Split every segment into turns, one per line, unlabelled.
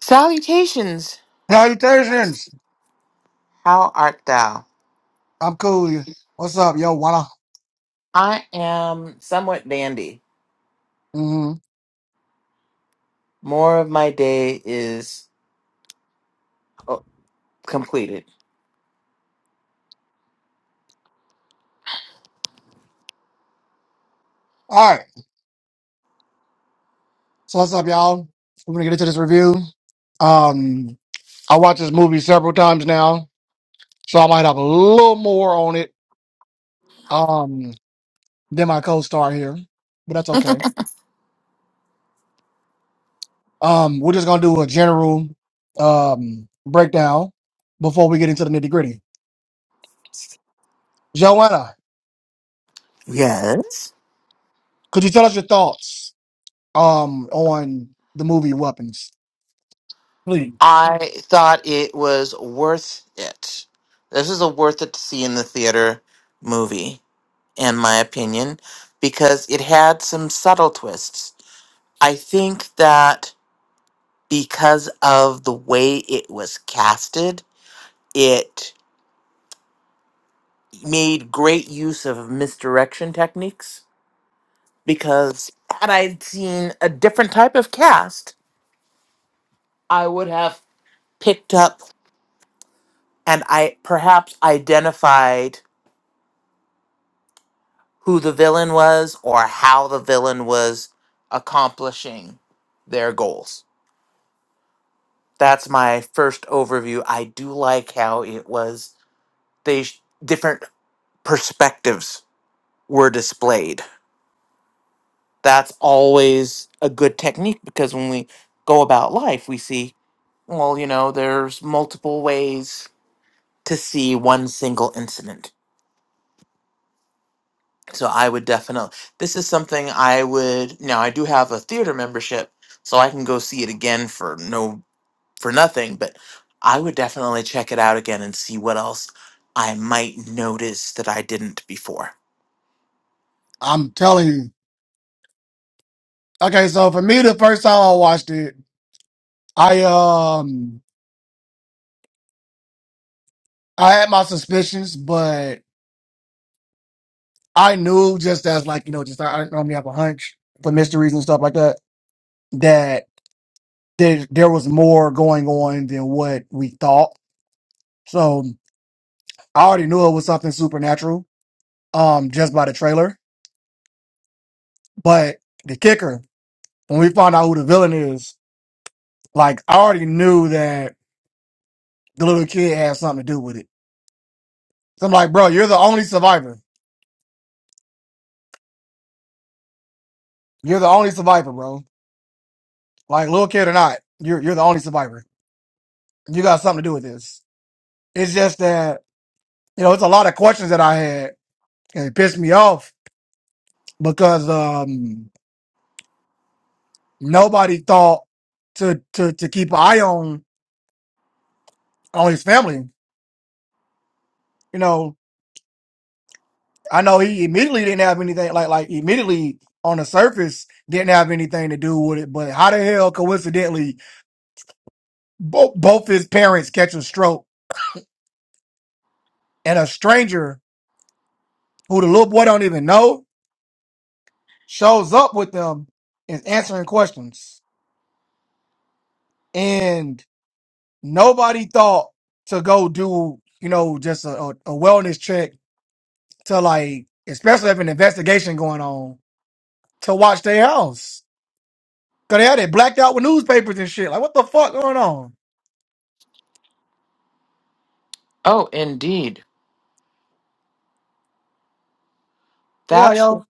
Salutations!
Salutations.
How art thou?
I'm cool. What's up, yo? Wanna?
I am somewhat dandy.
hmm
More of my day is oh, completed.
All right. So what's up, y'all? We're gonna get into this review. Um, I watched this movie several times now, so I might have a little more on it um than my co-star here, but that's okay. Um, we're just gonna do a general um breakdown before we get into the nitty gritty. Joanna,
Yes.
could you tell us your thoughts um on the movie Weapons, please?
I thought it was worth it. This is a worth it to see in the theater movie, in my opinion, because it had some subtle twists. I think that because of the way it was casted, it made great use of misdirection techniques because had I seen a different type of cast, I would have picked up and I perhaps identified who the villain was or how the villain was accomplishing their goals. That's my first overview. I do like how it was they sh- different perspectives were displayed. That's always a good technique because when we go about life, we see well, you know, there's multiple ways to see one single incident. So I would definitely, this is something I would, now I do have a theater membership, so I can go see it again for no, for nothing, but I would definitely check it out again and see what else I might notice that I didn't before.
I'm telling you. Okay, so for me, the first time I watched it, I um I had my suspicions, but I knew just as like you know, just like, I I normally have a hunch for mysteries and stuff like that that there there was more going on than what we thought. So I already knew it was something supernatural, um, just by the trailer. But the kicker, when we found out who the villain is, like I already knew that the little kid had something to do with it. So I'm like, bro, you're the only survivor. You're the only survivor, bro Like little kid or not, you're you're the only survivor. You got something to do with this. It's just that you know it's a lot of questions that I had, and it pissed me off because um, nobody thought to to to keep an eye on on his family. You know, I know he immediately didn't have anything like like immediately on the surface didn't have anything to do with it. But how the hell coincidentally both both his parents catch a stroke and a stranger who the little boy don't even know shows up with them is answering questions. And nobody thought to go do, you know, just a, a, a wellness check to like, especially if an investigation going on, to watch their house. Cause they had it blacked out with newspapers and shit. Like, what the fuck going on?
Oh, indeed.
Yeah,
That's
yo.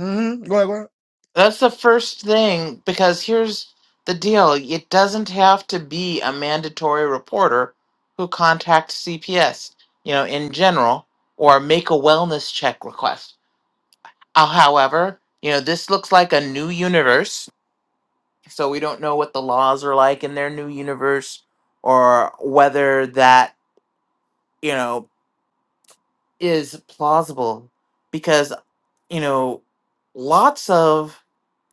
Mm-hmm. Go ahead, go ahead.
That's the first thing because here's the deal it doesn't have to be a mandatory reporter who contacts CPS, you know, in general, or make a wellness check request. Uh, however, you know, this looks like a new universe, so we don't know what the laws are like in their new universe or whether that, you know, is plausible because, you know, lots of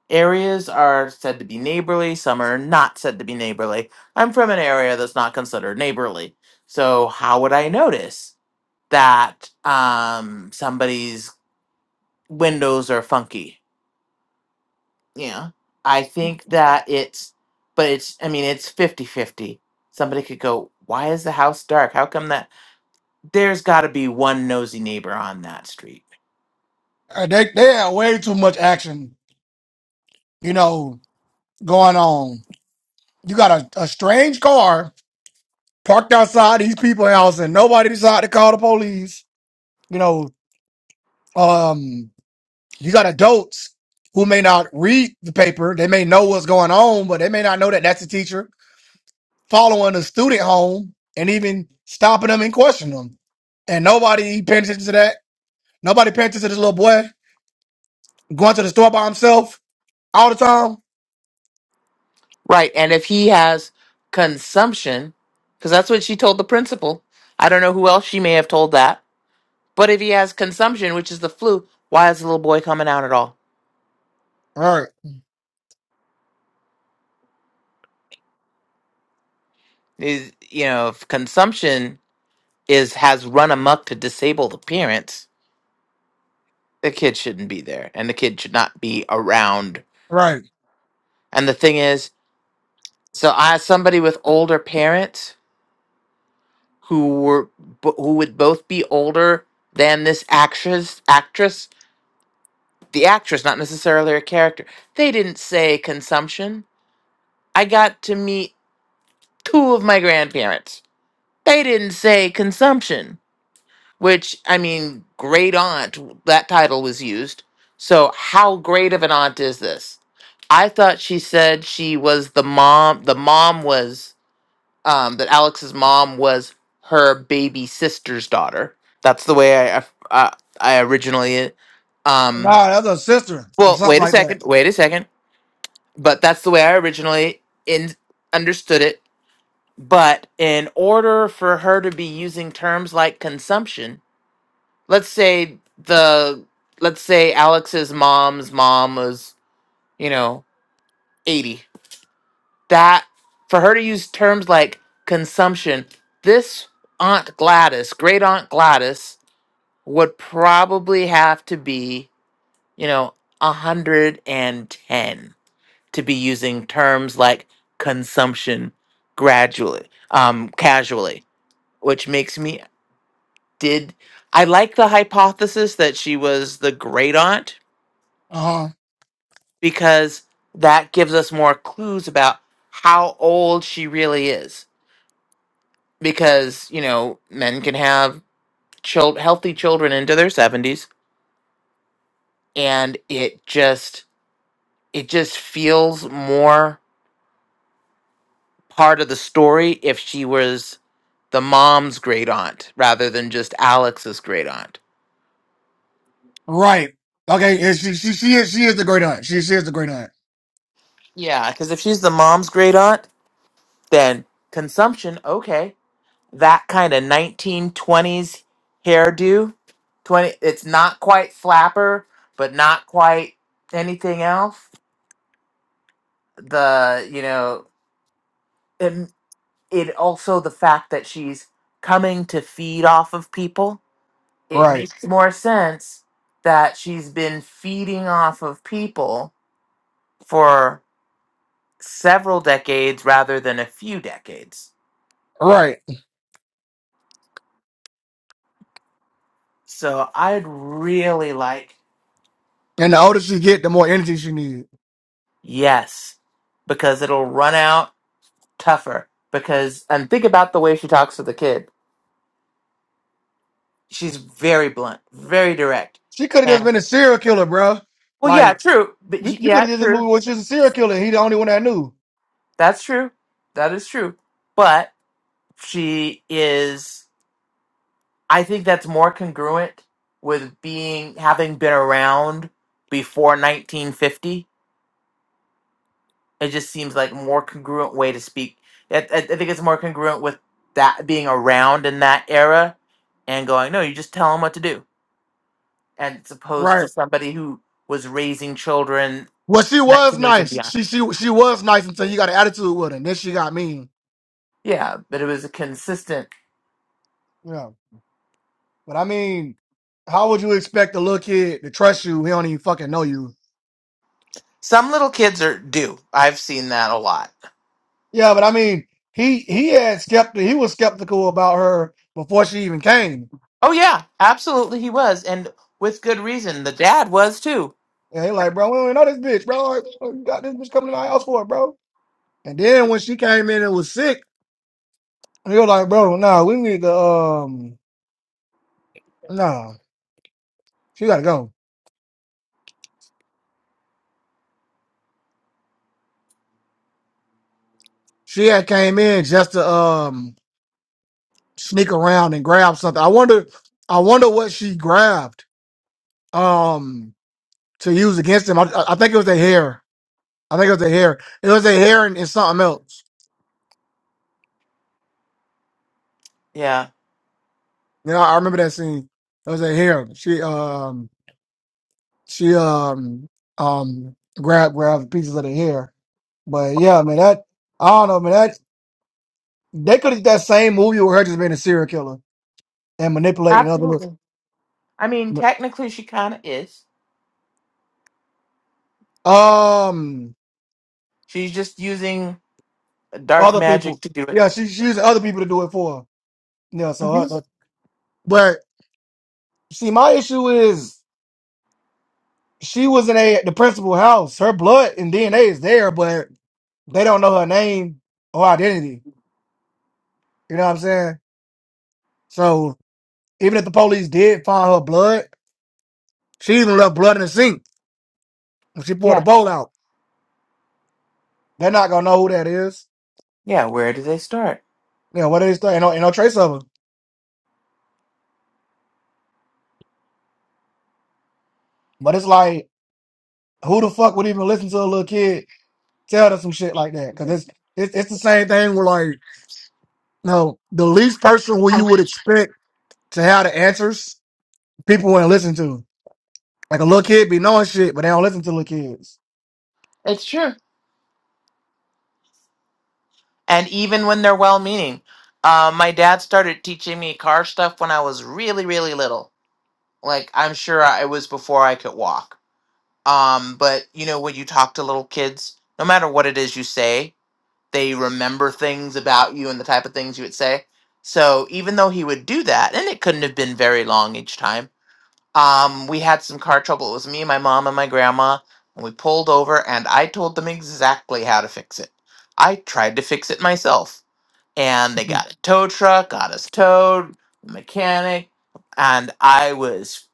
Areas are said to be neighborly, some are not said to be neighborly. I'm from an area that's not considered neighborly. So how would I notice that um somebody's windows are funky? Yeah. I think that it's but it's I mean it's fifty fifty. Somebody could go, "Why is the house dark? How come that there's got to be one nosy neighbor on that street?"
Uh, They, they had way too much action, you know, going on. You got a, a strange car parked outside these people's house and nobody decided to call the police. You know, um you got adults who may not read the paper they may know what's going on but they may not know that that's a teacher following a student home and even stopping them and questioning them and nobody paying attention to that nobody paying attention to this little boy going to the store by himself all the time
Right. And if he has consumption, because that's what she told the principal, I don't know who else she may have told that. But if he has consumption, which is the flu, why is the little boy coming out at all?
right
Is you know, if consumption is has run amok to disable the parents, the kid shouldn't be there, and the kid should not be around.
right
And the thing is, so I somebody with older parents who were who would both be older than this actress actress the actress, not necessarily her character. They didn't say consumption. I got to meet two of my grandparents. They didn't say consumption, which, I mean, great aunt, that title was used. So, how great of an aunt is this? I thought she said she was the mom, the mom was, um, that Alex's mom was her baby sister's daughter. That's the way I, I, I originally, um,
nah that's a sister or
well,
something
wait a
like that
second, wait a second. but that's the way I originally in understood it. But in order for her to be using terms like consumption, let's say the let's say Alex's mom's mom was, you know, 80. That for her to use terms like consumption, this Aunt Gladys, great Aunt Gladys would probably have to be, you know, 110 to be using terms like consumption gradually, um, casually, which makes me did I like the hypothesis that she was the great aunt
uh-huh
because that gives us more clues about how old she really is. Because you know, men can have child healthy children into their seventies, and it just it just feels more part of the story if she was the mom's great aunt rather than just Alex's great aunt.
right okay and she, she she is she is the great aunt she, she is the great aunt
Yeah, because if she's the mom's great aunt, then consumption, okay. That kind of 1920s hairdo. 20 it's not quite flapper, but not quite anything else. The, you know, and it also the fact that she's coming to feed off of people. It
right
makes more sense that she's been feeding off of people for several decades rather than a few decades.
right
So I'd really like
and the older she get the more energy she needs
yes, because it'll run out tougher. Because and think about the way she talks to the kid. She's very blunt, very direct.
She could have just
And
been a serial killer, bro.
well, yeah,
Like
true. But
you,
y-
you could
yeah,
have did this
true.
movie where she's a serial killer. and He the only one that knew.
That's true. That is true. But she is. I think that's more congruent with being having been around before 1950 It just seems like more congruent way to speak. I, I, I think it's more congruent with that being around in that era, and going, no, you just tell them what to do, and it's opposed to
Right.
somebody who was raising children
Well, she was
1980s and
nice.
beyond.
She she she was nice until you got an attitude with her. And then she got mean.
Yeah, but it was a consistent.
Yeah. But I mean, how would you expect a little kid to trust you? He don't even fucking know you.
Some little kids are do. I've seen that a lot.
Yeah, but I mean, he he had skeptic. He was skeptical about her before she even came.
Oh yeah, absolutely, he was, and with good reason. The dad was too.
And he like, bro, we don't even know this bitch, bro. Like, What You got this bitch coming to our house for, bro. And then when she came in and was sick. And you're like, bro, nah, we need to um nah. She gotta go. She had came in just to um sneak around and grab something. I wonder I wonder what she grabbed um to use against him. I, I I think it was their hair. I think it was their hair. It was their hair and, and something else.
Yeah,
You know, I remember that scene. It was their hair. She um she um um grabbed grabbed pieces of the hair. But yeah, man, that I don't know, man. That they could have that same movie with her just being a serial killer. and manipulating other
absolutely.
li-
I mean, technically, she kind of is.
um
She's just using dark
other
magic
people.
to do it.
Yeah, she she using other people to do it for her. Yeah, so
hmm
her, her- but see, my issue is she was in a the principal house. Her blood and DNA is there, but they don't know her name or identity. You know what I'm saying? So even if the police did find her blood, she even left blood in the sink when she poured the
Yeah,
bowl out. They're not gonna know who that is.
yeah. Where do they start?
You know what it is that? Ain't no, ain't no trace of her. But it's like, who the fuck would even listen to a little kid tell them some shit like that because it's, it's it's the same thing where like no the least person where you would expect to have the answers people wouldn't listen to like a little kid be knowing shit but they don't listen to little kids
It's true. And even when they're well-meaning, uh, my dad started teaching me car stuff when I was really, really little. Like I'm sure I, it was before I could walk. Um, but you know, when you talk to little kids, no matter what it is you say, they remember things about you and the type of things you would say. So even though he would do that, and it couldn't have been very long each time. Um, we had some car trouble. It was me, my mom, and my grandma, and we pulled over, and I told them exactly how to fix it. I tried to fix it myself, and they got a tow truck, got us towed, mechanic, and I was,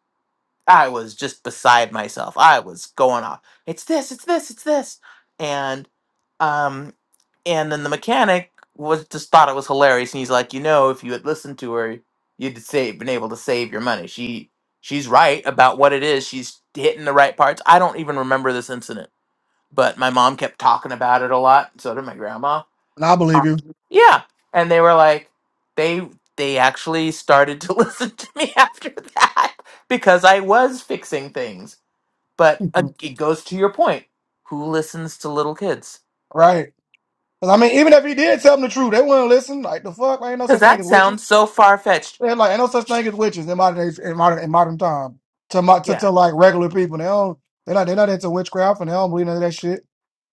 I was just beside myself. I was going off. It's this, it's this, it's this, and um, and then the mechanic was just thought it was hilarious, and he's like, you know, if you had listened to her, you'd save been able to save your money. She she's right about what it is. She's hitting the right parts. I don't even remember this incident, but my mom kept talking about it a lot. So did my grandma.
and I believe you
Awesome. Yeah, and they were like, they they actually started to listen to me after that because I was fixing things. But uh, it goes to your point. Who listens to little kids?
right 'Cause I mean even if he did tell them the truth they wouldn't listen like the fuck Like, ain't no
Because
such thing
that
as witches
sounds so far fetched.
They're like ain't no such thing as witches in modern days, in modern in modern time to my to,
Yeah.
to like regular people they don't they're not they're not into witchcraft and they don't believe none of that shit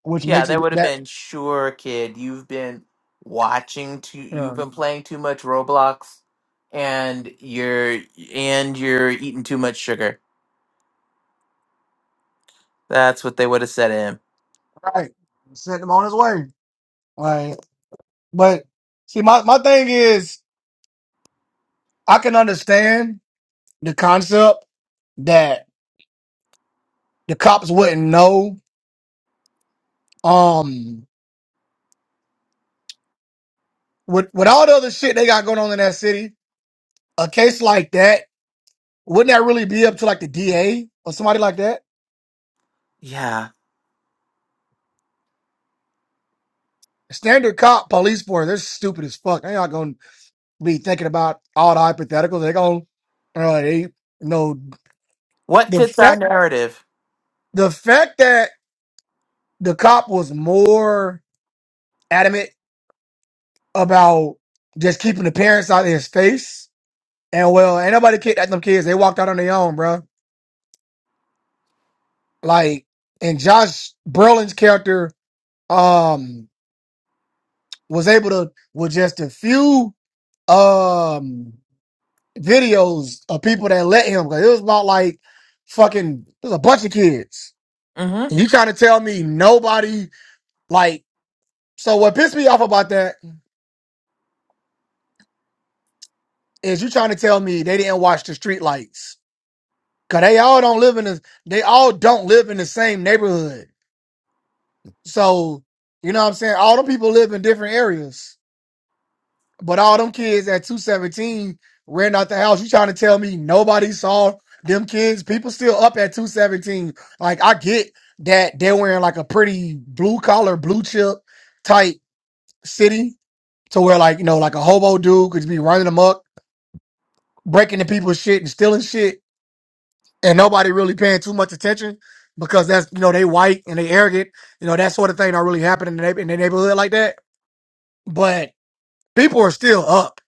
which
Yeah,
makes
there
it
would have
that
been sure, kid. You've been watching too. You've
um,
been playing too much Roblox, and you're and you're eating too much sugar. That's what they would have said to him.
right sent him on his way Like, But see, my, my thing is, I can understand the concept that the cops wouldn't know. Um, with with all the other shit they got going on in that city, a case like that wouldn't that really be up to like the DA or somebody like that?
Yeah.
Standard cop police force, they're stupid as fuck. They're not gonna be thinking about all the hypotheticals. They're gonna, uh, they, you know,
What
the
fits our
fact
narrative?
the fact that the cop was more adamant about just keeping the parents out of his face. And well, ain't nobody kicked at them kids. They walked out on their own, bro. Like, and Josh Brolin's character um was able to with just a few um videos of people that let him. 'cause it was about like fucking there's a bunch of kids. And
Mm-hmm.
you trying to tell me nobody like so what pissed me off about that is you trying to tell me they didn't watch the street lights. Cause they all don't live in the they all don't live in the same neighborhood. So, you know what I'm saying? All them people live in different areas. But all them kids at 217 ran out the house. You trying to tell me nobody saw them kids? People still up at 217. Like I get that they're wearing like a pretty blue collar, blue chip type city to where like, you know, like a hobo dude could be running amok, breaking into people's shit and stealing shit and nobody really paying too much attention because that's you know they white and they arrogant you know that sort of thing not really happening in the, neigh- in the neighborhood like that but people are still up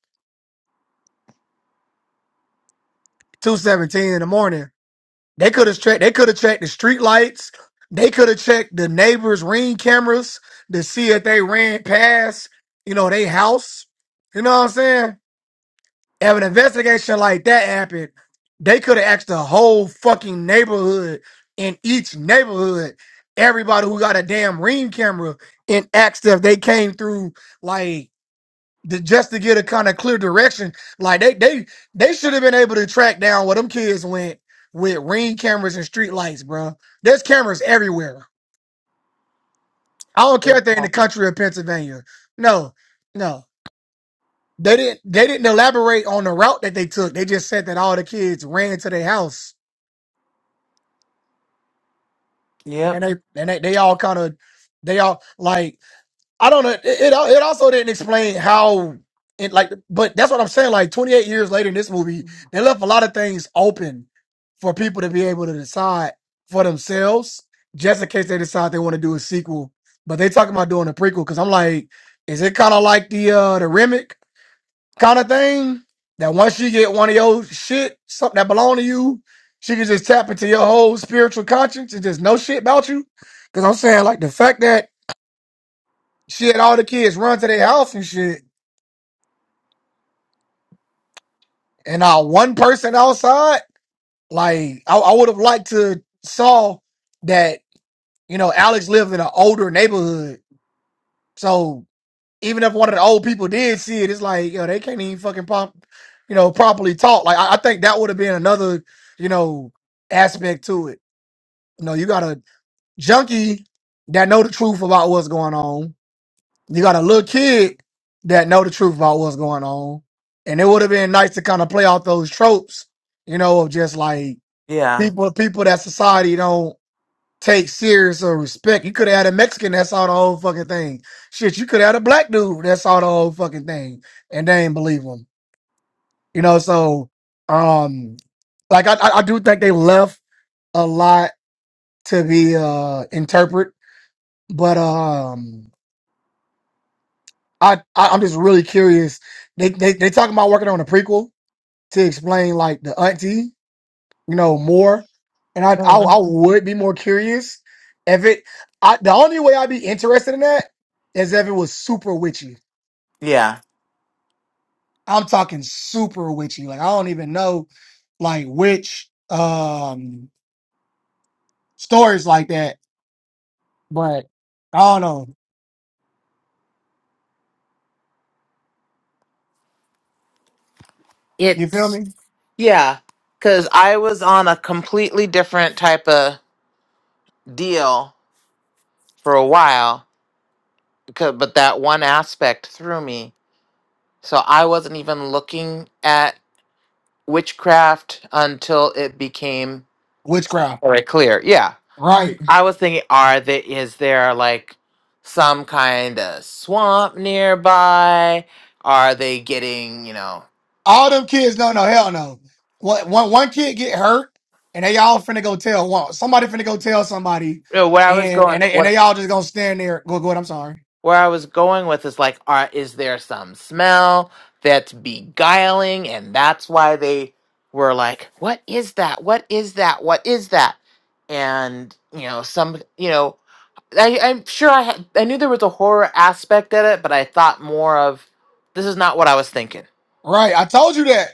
217 in the morning they could have checked they could have checked the street lights they could have checked the neighbors ring cameras to see if they ran past you know they house you know what i'm saying If an investigation like that happened, they could have asked the whole fucking neighborhood in each neighborhood, everybody who got a damn ring camera, and asked if they came through like the, just to get a kind of clear direction. Like they they they should have been able to track down where them kids went with ring cameras and street lights, bro. There's cameras everywhere. I don't care if they're in the country of Pennsylvania. No, no. They didn't they didn't elaborate on the route that they took. They just said that all the kids ran to their house and
Yep.
they and they, they all kind of they all like I don't know. It it, al- it also didn't explain how it like but that's what I'm saying. Like 28 years later in this movie, they left a lot of things open for people to be able to decide for themselves, just in case they decide they want to do a sequel. But they talking about doing a prequel because I'm like, is it kind of like the uh the Remick? kind of thing. That once she get one of your shit, something that belong to you, she can just tap into your whole spiritual conscience and just know shit about you. Cause I'm saying like the fact that she had all the kids run to their house and shit, and not one person outside. Like I, I would have liked to saw that you know Alex lived in an older neighborhood, so even if one of the old people did see it, it's like, yo, they can't even fucking pop, you know, properly talk. Like, I, I think that would have been another, you know, aspect to it. You know, you got a junkie that know the truth about what's going on. You got a little kid that know the truth about what's going on. And it would have been nice to kind of play off those tropes, you know, of just like
Yeah.
people, people that society don't take serious or respect. You could have had a Mexican that saw the whole fucking thing. Shit, you could have had a black dude that saw the whole fucking thing, and they ain't believe him. You know, so um, like I, I I do think they left a lot to be uh interpret, but um, I, I I'm just really curious. They they they talking about working on a prequel to explain like the auntie. you know, more. And I, I,
hmm
I would be more curious if it. I, the only way I'd be interested in that is if it was super witchy.
Yeah.
I'm talking super witchy. Like I don't even know, like witch um stories like that. But I don't know. You feel
It.
me?
Yeah. Because I was on a completely different type of deal for a while, because, but that one aspect threw me So I wasn't even looking at witchcraft until it became
Witchcraft,
very clear. Yeah.
right?
I was thinking, are there is there like some kind of swamp nearby? Are they getting, you know,
All them kids don't know. Hell no. One, one, one kid get hurt, and they all finna go tell one. Somebody finna go tell somebody,
you know, where I was
and
going
and they and
what
they all just gonna stand there. Go, go. ahead, I'm sorry.
where I was going with is like, are is there some smell that's beguiling and that's why they were like, What is that? What is that? What is that? And you know, some you know, I, I'm sure I had, I knew there was a horror aspect at it, but I thought more of this is not what I was thinking.
Right. I told you that.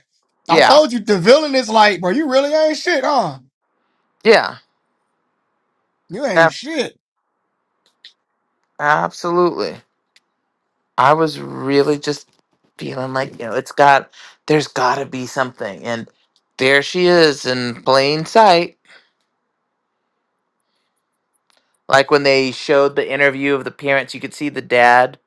I
Yeah,
told you the villain is like, bro, you really ain't shit, huh?
yeah,
You ain't
ab-
shit.
absolutely. I was really just feeling like you know it's got there's got to be something, and there she is in plain sight. Like when they showed the interview of the parents, you could see the dad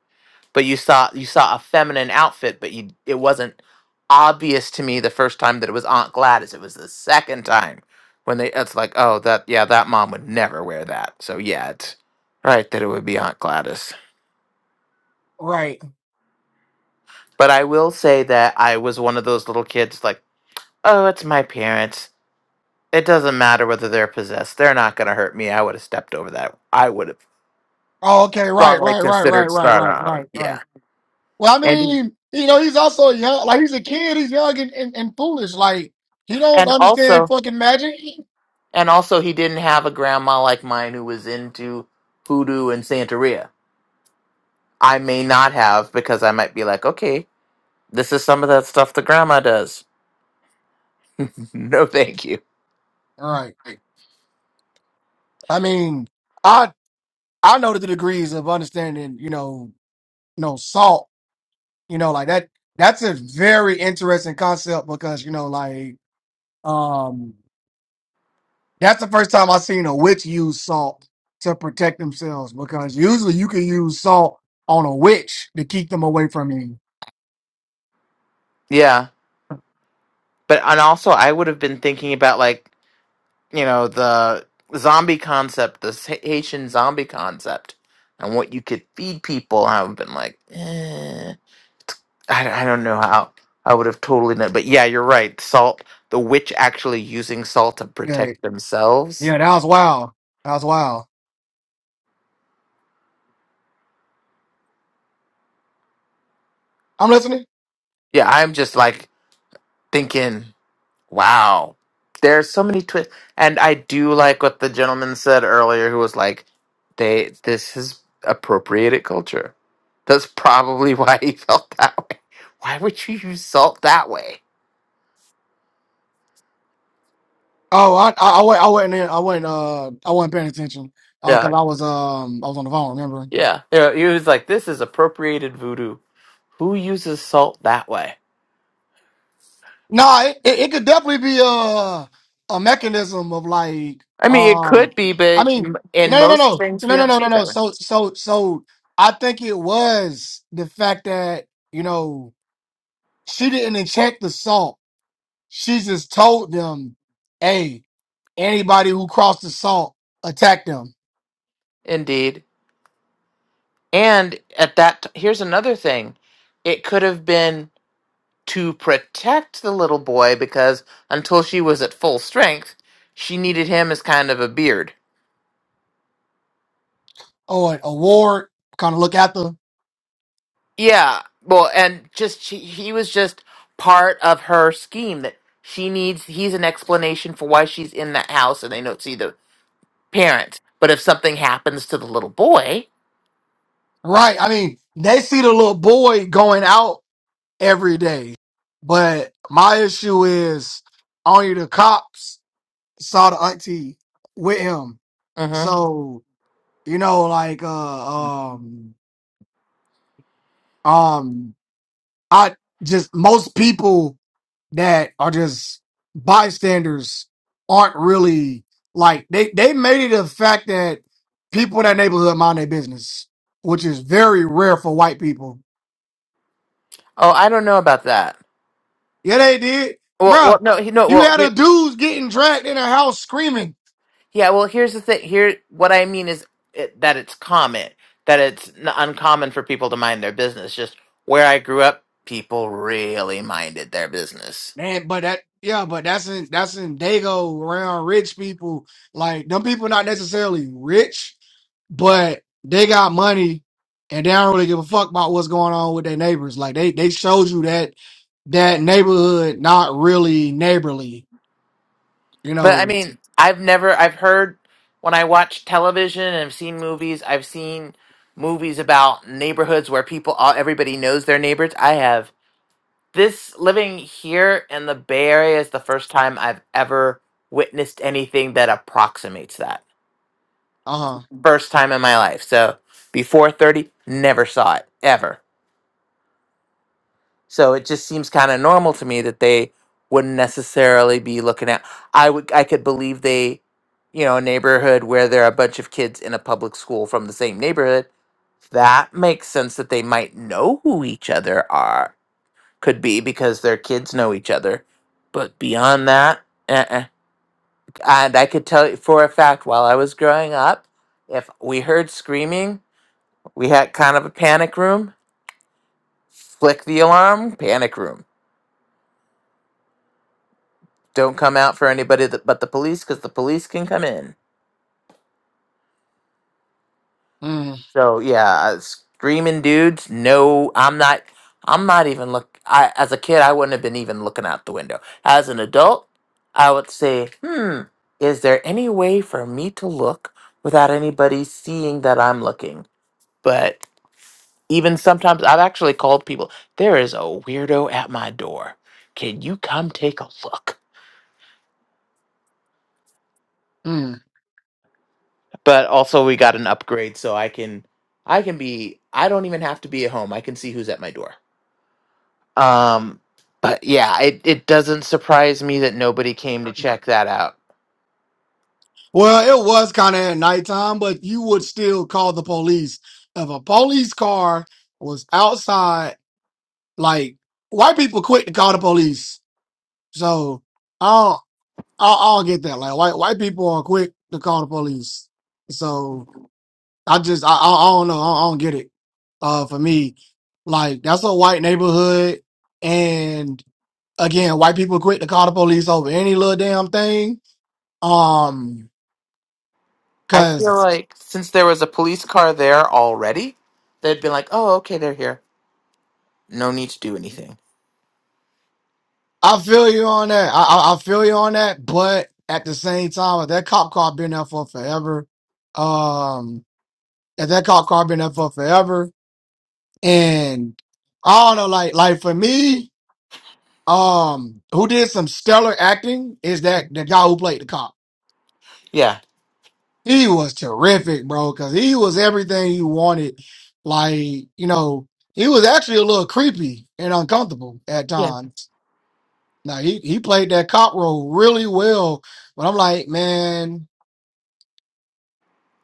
but you saw you saw a feminine outfit, but you it wasn't obvious to me the first time that it was Aunt Gladys. It was the second time when they it's like, oh that yeah, that mom would never wear that. So yeah, it's right that it would be Aunt Gladys.
Right.
But I will say that I was one of those little kids like, oh, it's my parents. It doesn't matter whether they're possessed. They're not gonna hurt me. I would have stepped over that. I would have
Oh, okay, right,
strongly
right, right, right,
considered
right,
start
right, right,
on.
right.
Yeah.
Well, I
And
mean, you know, he's also young, like he's a kid, he's young and, and, and foolish. Like he don't
and
understand
also
fucking magic.
And also, he didn't have a grandma like mine who was into hoodoo and Santeria. I may not have because I might be like, okay, this is some of that stuff the grandma does. no, thank you.
Right. I mean, I I know the degrees of understanding, you know, you know, salt, you know, like that that's a very interesting concept because, you know, like um That's the first time I seen a witch use salt to protect themselves because usually you can use salt on a witch to keep them away from you.
Yeah. But, and also, I would have been thinking about like, you know, the zombie concept, the Sa- Haitian zombie concept, and what you could feed people. I would have been like, eh. I, I don't know how I would have totally known. But yeah, you're right. Salt, the witch actually using salt to
Yeah,
protect themselves
yeah, that was wild. That was wild. I'm listening.
Yeah, I'm just like thinking, wow, there's so many twists. And I do like what the gentleman said earlier, who was like, they this is appropriated culture. That's probably why he felt that way. Why would you use salt that way?
Oh, I, I, I, wa- I wasn't, in, I wasn't, uh, I wasn't paying attention
Yeah,
because I was, um, I was on the phone. Remember?
yeah. You know, he was like, this is appropriated voodoo. Who uses salt that way?
No, it, it, it could definitely be a a mechanism of like
I mean, it
um
could be,
I
but
mean
m-
no
in
no
most
no no
things, we
no no
don't
no
see
no
it
no
that way.
so so so I think it was the fact that you know she didn't check the salt. She just told them, hey, anybody who crossed the salt, attack them
Indeed. And at that, t- here's another thing. It could have been to protect the little boy because until she was at full strength, she needed him as kind of a beard.
or a ward kind of look at them.
Yeah, well, and just she, he was just part of her scheme that she needs. He's an explanation for why she's in that house, and they don't see the parents. But if something happens to the little boy,
Right. I mean, they see the little boy going out every day. But my issue is only the cops saw the auntie with him.
hmm
So, you know, like uh um um I just most people that are just bystanders aren't really like they they made it a fact that people in that neighborhood mind their business, which is very rare for white people.
oh, I don't know about that.
Yeah, they did.
Well, well,
Bruh,
no, he no,
you
well,
had
here-
a dudes getting dragged in a house screaming.
Yeah, well, here's the thing. Here, what I mean is it, that it's common, that it's n- uncommon for people to mind their business. Just where I grew up, people really minded their business.
Man, but that yeah, but that's in that's in Dago around rich people. Like them people not necessarily rich, but they got money and they don't really give a fuck about what's going on with their neighbors. Like they they showed you that that neighborhood not really neighborly, you
But I
know.
mean, I've never, I've heard when I watch television and I've seen movies, I've seen movies about neighborhoods where people, all, everybody knows their neighbors. I have this living here in the Bay Area is the first time I've ever witnessed anything that approximates that.
Uh huh.
first time in my life. So before 30, never saw it ever. So it just seems kind of normal to me that they wouldn't necessarily be looking at. I would I could believe they, you know, a neighborhood where there are a bunch of kids in a public school from the same neighborhood. That makes sense that they might know who each other are could be because their kids know each other. But beyond that, uh-uh. and I could tell you for a fact while I was growing up, if we heard screaming We had kind of a panic room. Flick the alarm, panic room. Don't come out for anybody that, but the police because the police can come in.
Mm,
So yeah, uh, screaming dudes. No, I'm not. I'm not even look. I as a kid, I wouldn't have been even looking out the window. As an adult, I would say, hmm, is there any way for me to look without anybody seeing that I'm looking? But even sometimes, I've actually called people. There is a weirdo at my door. Can you come take a look?
mm.
but also we got an upgrade so i can i can be i don't even have to be at home i can see who's at my door um but yeah it, it doesn't surprise me that nobody came to check that out
Well, it was kind of at nighttime, but you would still call the police if a police car was outside. Like white people quick to call the police So I don't, I, I don't get that. Like white white people are quick to call the police. So I just I, I I don't know. I, I don't get it. Uh, for me, like that's a white neighborhood, and again, white people quick to call the police over any little damn thing. Um,
i feel
cause
like since there was a police car there already they'd been like oh okay they're here no need to do anything
I feel you on that. I I, I feel you on that. But at the same time, if that cop car been there for forever, um, if that cop car been there for forever. and I don't know, like like for me, um, who did some stellar acting is that the guy who played the cop.
yeah
He was terrific, bro, because he was everything you wanted. Like you know, he was actually a little creepy and uncomfortable at
yeah
times. Now he he played that cop role really well, but I'm like, man.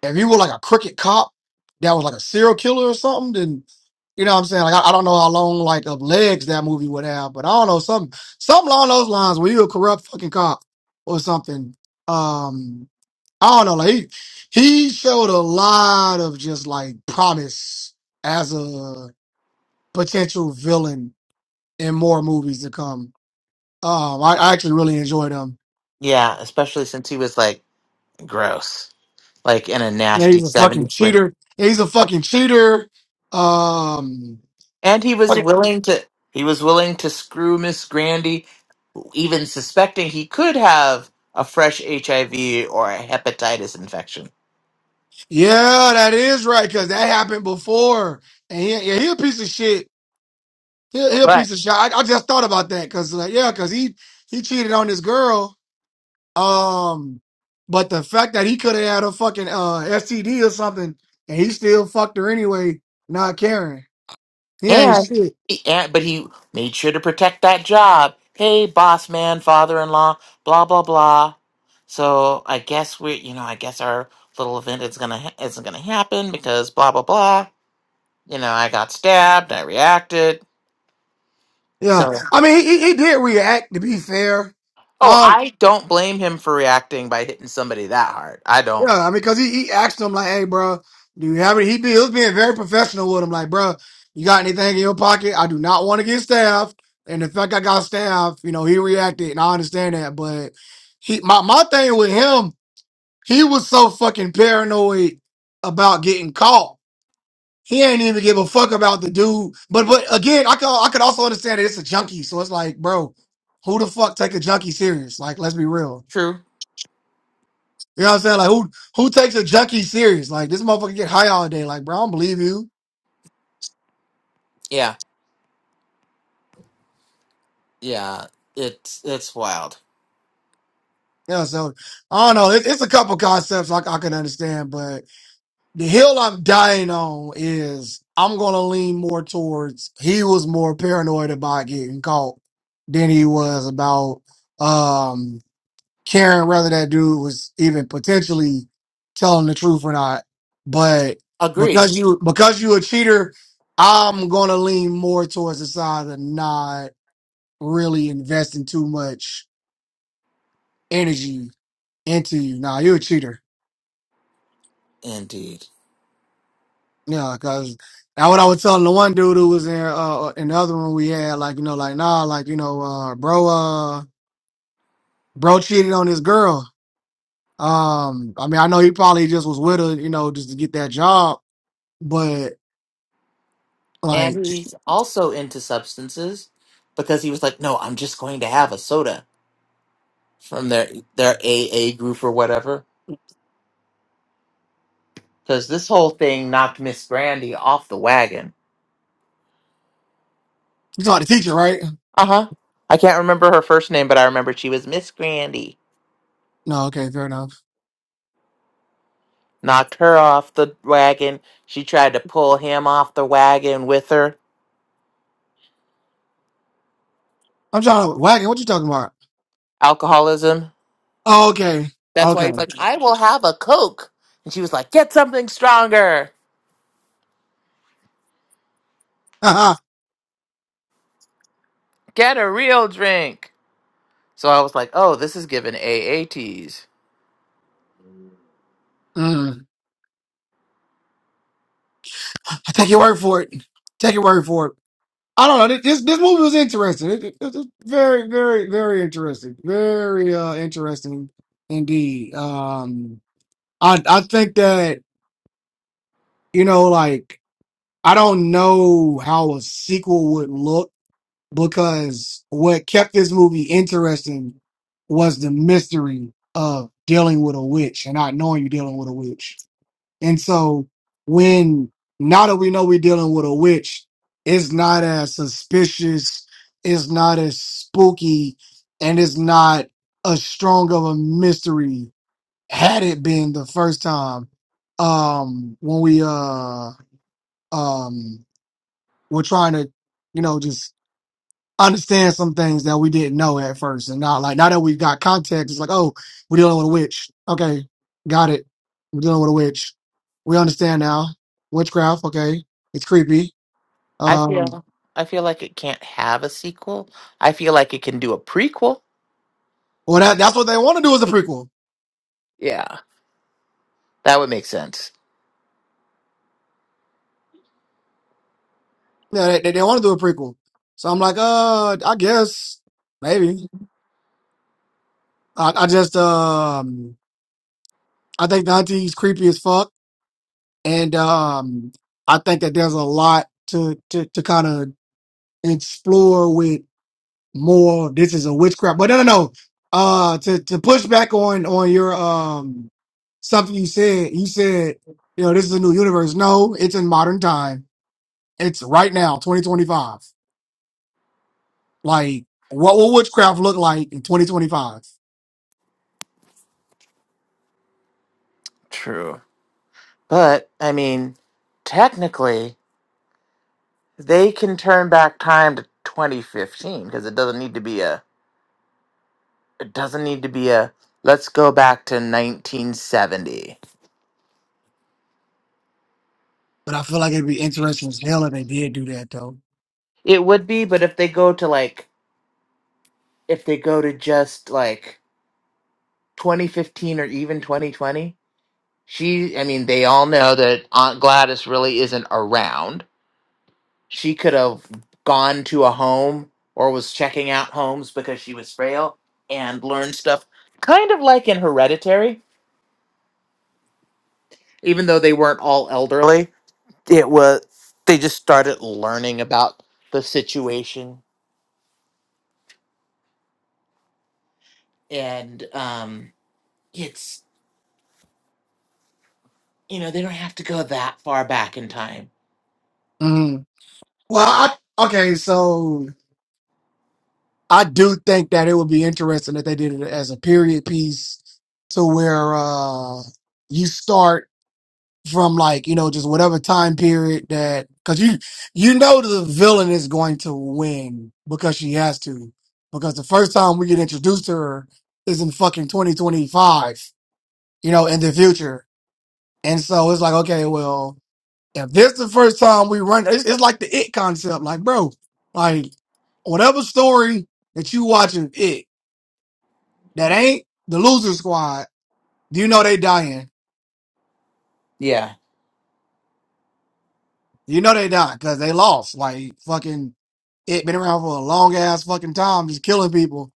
If you were like a crooked cop that was like a serial killer or something, then you know what I'm saying? Like I, I don't know how long like of legs that movie would have, but I don't know, something something along those lines where you a corrupt fucking cop or something. Um I don't know, like he, he showed a lot of just like promise as a potential villain in more movies to come. Um I, I actually really enjoyed him.
yeah especially since he was like gross like in a
Yeah,
nasty
he's a fucking
70s way
cheater. Yeah, He's a fucking cheater. Um
and he was willing to he was willing to screw miss grandy even suspecting he could have a fresh HIV or a hepatitis infection.
Yeah, that is right, because that happened before. And he, yeah, he a piece of shit. He, he a
Right.
piece of shit. I, I just thought about that, because like, yeah, because he he cheated on this girl. Um, but the fact that he could have had a fucking uh STD or something, and he still fucked her anyway, not caring. He ain't
And,
shit.
he- and but he made sure to protect that job. Hey, boss man, father-in-law, blah blah blah. So I guess we, you know, I guess our little event is gonna ha- isn't gonna happen because blah blah blah. You know, I got stabbed. I reacted.
Yeah,
So,
I mean, he he, he did react. To be fair,
oh,
Oh,
I don't blame him for reacting by hitting somebody that hard. I don't.
Yeah, I mean, because he, he asked him, like, hey, bro, do you have any? He, be, he was being very professional with him, like, bro, you got anything in your pocket? I do not want to get staffed. And the fact I got staffed, you know, he reacted, and I understand that. But he, my, my thing with him, he was so fucking paranoid about getting caught. He ain't even give a fuck about the dude. But but again, I could I could also understand that it's a junkie, so it's like, bro, who the fuck take a junkie serious? Like, let's be real.
True.
You know what I'm saying? Like who who takes a junkie serious? Like this motherfucker get high all day. Like bro, I don't believe you.
Yeah. Yeah. It's it's wild
You know, so I don't know. It, it's a couple concepts I, I can understand, but the hill I'm dying on is I'm gonna lean more towards he was more paranoid about getting caught than he was about um caring whether that dude was even potentially telling the truth or not. But
Agreed.
because you because you a cheater, I'm gonna lean more towards the side of nah. really investing too much energy into you. Nah, you're a cheater.
Indeed.
Yeah, cause now what I was telling the one dude who was in uh uh, in the other room we had, like, you know, like nah, like, you know, uh bro uh bro cheated on his girl. Um, I mean I know he probably just was with her, you know, just to get that job, but
And
like
he's also into substances because he was like, no, I'm just going to have a soda from their their AA group or whatever. Because this whole thing knocked Miss Grandy off the wagon.
you talking to teacher, right?
Uh huh. I can't remember her first name, but I remember she was Miss Grandy.
No, okay, fair enough.
Knocked her off the wagon. She tried to pull him off the wagon with her.
I'm trying to wagon, what you talking about?
Alcoholism.
Oh, okay.
That's why
Okay.
he's like, I will have a Coke. And she was like, get something stronger. Get a real drink. So I was like, oh, this is given AATs.
mm. I take your word for it. Take your word for it. I don't know. This this movie was interesting. It, it, it was very, very, very interesting. Very uh, interesting indeed. Um, I I think that you know, like I don't know how a sequel would look because what kept this movie interesting was the mystery of dealing with a witch and not knowing you're dealing with a witch. And so when now that we know we're dealing with a witch, it's not as suspicious, it's not as spooky, and it's not as strong of a mystery had it been the first time um when we uh um were trying to you know just understand some things that we didn't know at first. And now, like, now that we've got context, it's like, oh, we're dealing with a witch. Okay, got it. We're dealing with a witch. We understand now. Witchcraft, okay. It's creepy.
I
Um,
feel I feel like it can't have a sequel. I feel like it can do a prequel.
well, that, that's what they want to do is a prequel.
Yeah, that would make sense.
Yeah, they, they, they want to do a prequel. So I'm like, uh, I guess, maybe. I, I just, um, I think the auntie's creepy as fuck. And, um, I think that there's a lot to, to, to kind of explore with more this is a witchcraft but no no no uh to to push back on on your um something you said you said you know this is a new universe no it's in modern time it's right now 2025 like what will witchcraft look like in 2025
True. But I mean, technically, they can turn back time to 2015 because it doesn't need to be a it doesn't need to be a let's go back to 1970.
but i feel like it'd be interesting as hell if they did do that though
It would be, but if they go to like if they go to just like 2015 or even 2020 She, I mean, they all know that Aunt Gladys really isn't around. She could have gone to a home or was checking out homes because she was frail and learned stuff, kind of like in Hereditary, even though they weren't all elderly. It was, they just started learning about the situation. And um, it's, you know, they don't have to go that far back in time.
hmm well i okay so i do think that it would be interesting if they did it as a period piece to where uh you start from like you know just whatever time period that because you you know the villain is going to win because she has to because the first time we get introduced to her is in fucking 2025 you know in the future and so it's like okay well if this the first time we run it's, it's like the it concept like bro like whatever story that you watching it that ain't the loser squad do you know they dying
Yeah.
You know they not because they lost. Like fucking, it been around for a long ass fucking time, just killing people,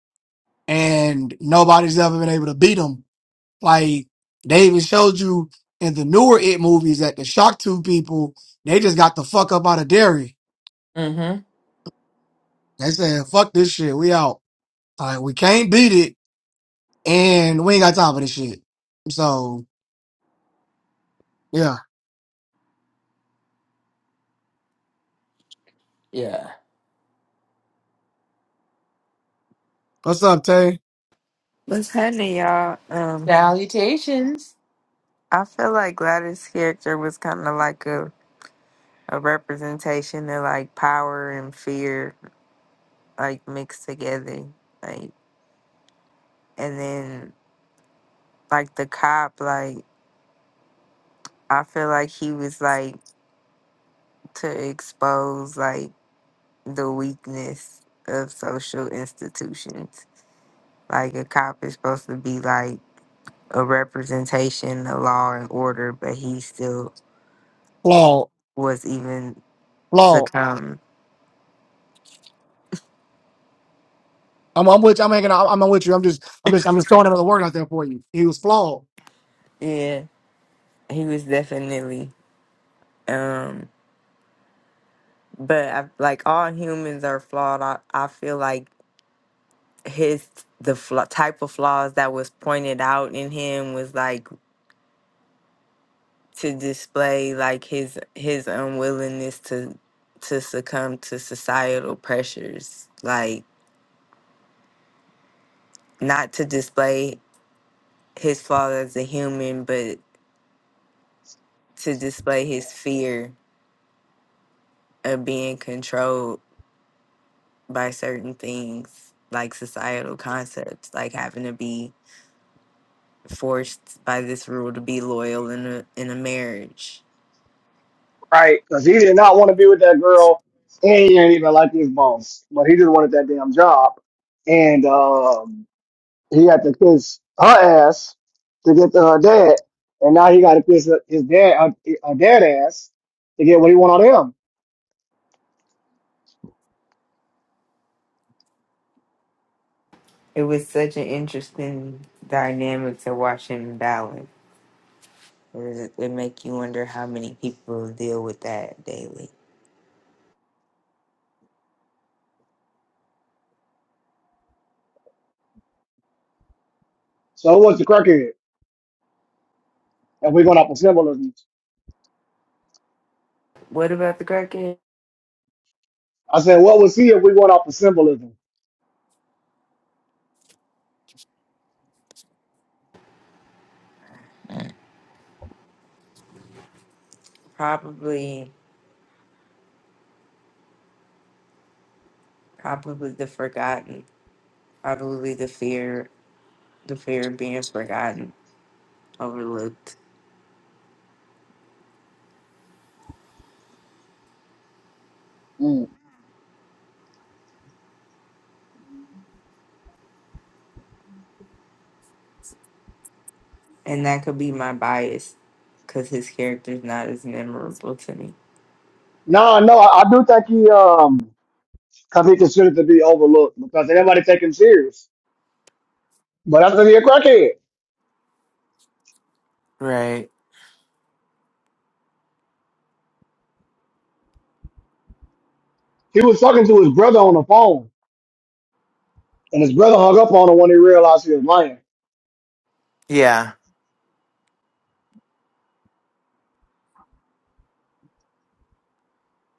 and nobody's ever been able to beat them. Like they even showed you in the newer it movies that the shock two people they just got the fuck up out of dairy.
Mm hmm.
They said fuck this shit, we out. Like we can't beat it, and we ain't got time for this shit. So yeah,
Yeah.
what's up, Tay?
What's happening, y'all? Um,
Salutations.
I feel like Gladys' character was kind of like a, a representation of like power and fear, like mixed together. Like, and then like the cop, like I feel like he was like to expose like the weakness of social institutions. Like a cop is supposed to be like a representation of law and order, but he still
Flawed,
was even
flawed.
succumb.
I'm, I'm with you. I'm hanging out. I'm, I'm with you. I'm just, I'm just, I'm just throwing another word out there for you. He was flawed.
Yeah. he was definitely um but I, like all humans are flawed I, I feel like his the flaw, type of flaws that was pointed out in him was like to display like his his unwillingness to to succumb to societal pressures like not to display his flaws as a human but to display his fear of being controlled by certain things like societal concepts like having to be forced by this rule to be loyal in a in a marriage.
right? Because he did not want to be with that girl, and he didn't even like his boss, but he just wanted that damn job, and um, he had to kiss her ass to get to her dad, and now he got to kiss his dad, her, her dad ass, to get what he wanted of him.
It was such an interesting dynamic to watch and balance. It, was- it make you wonder how many people deal with that daily.
So yeah, and we,
What about the crackhead?
I said,
Mm.
Probably, probably the forgotten. Probably the fear, the fear of being forgotten, overlooked,
mm.
and that could be my bias, because his character's not as memorable to me.
no, no, I, I do think he um because he considered to be overlooked because everybody take him serious. But I said he a crackhead,
Right.
he was talking to his brother on the phone, and his brother hung up on him when he realized he was lying.
Yeah.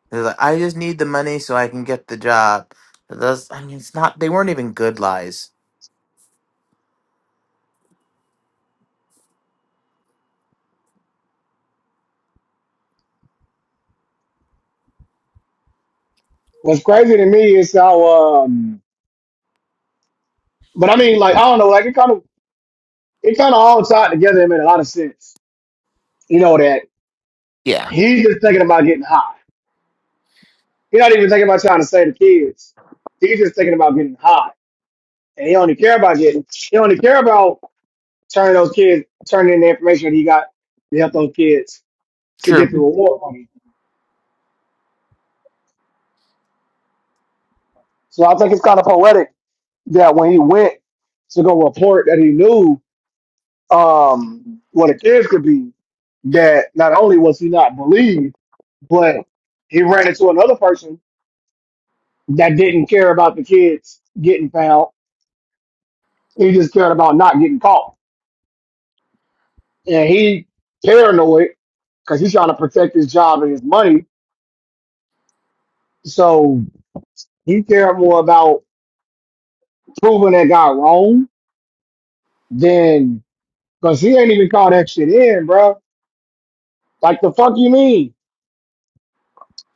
They're like, I just need the money so I can get the job. Those, I mean, it's not. They weren't even good lies.
What's crazy to me is how um, but I mean, like I don't know, like it kind of it kind of all tied together and made a lot of sense. You know, that
Yeah,
he's just thinking about getting high. He's not even thinking about trying to save the kids. He's just thinking about getting high. And he only care about getting, he only care about turning those kids, turning in the information that he got to help those kids to get
true,
the reward money. So I think it's kind of poetic that when he went to go report that he knew um, what the kids could be, that not only was he not believed, but he ran into another person that didn't care about the kids getting found. He just cared about not getting caught. And he paranoid because he's trying to protect his job and his money. So he cared more about proving that guy wrong than because he ain't even caught that shit in, bro. Like the fuck you mean?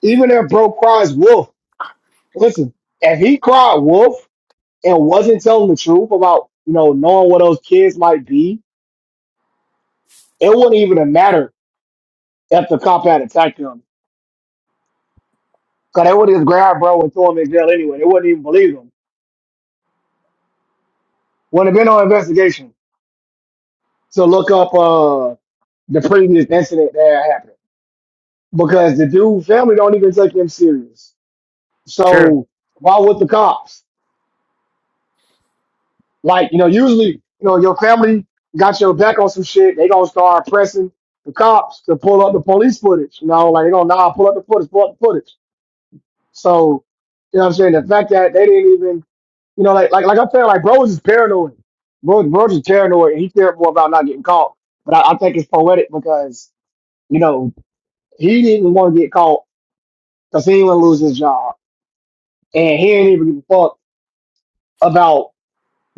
Even if bro cries wolf, listen, if he cried wolf and wasn't telling the truth about, you know, knowing what those kids might be, it wouldn't even have mattered if the cop had attacked him Cause they would have just grabbed bro and throw him in jail anyway. They wouldn't even believe him. Wouldn't have been no investigation to look up uh the previous incident that happened. Because the dude family don't even take him serious.
true.
So why would the cops? Like, you know, usually, you know, your family got your back on some shit, they gonna start pressing the cops to pull up the police footage. You know, like they gonna nah pull up the footage, pull up the footage. So, you know what I'm saying? The fact that they didn't even You know, like like like I'm saying, like bros is paranoid. Bro, bros is paranoid, and he cared more about not getting caught. But I, I think it's poetic because you know he didn't want to get caught because he didn't want to lose his job, and he didn't even give a fuck about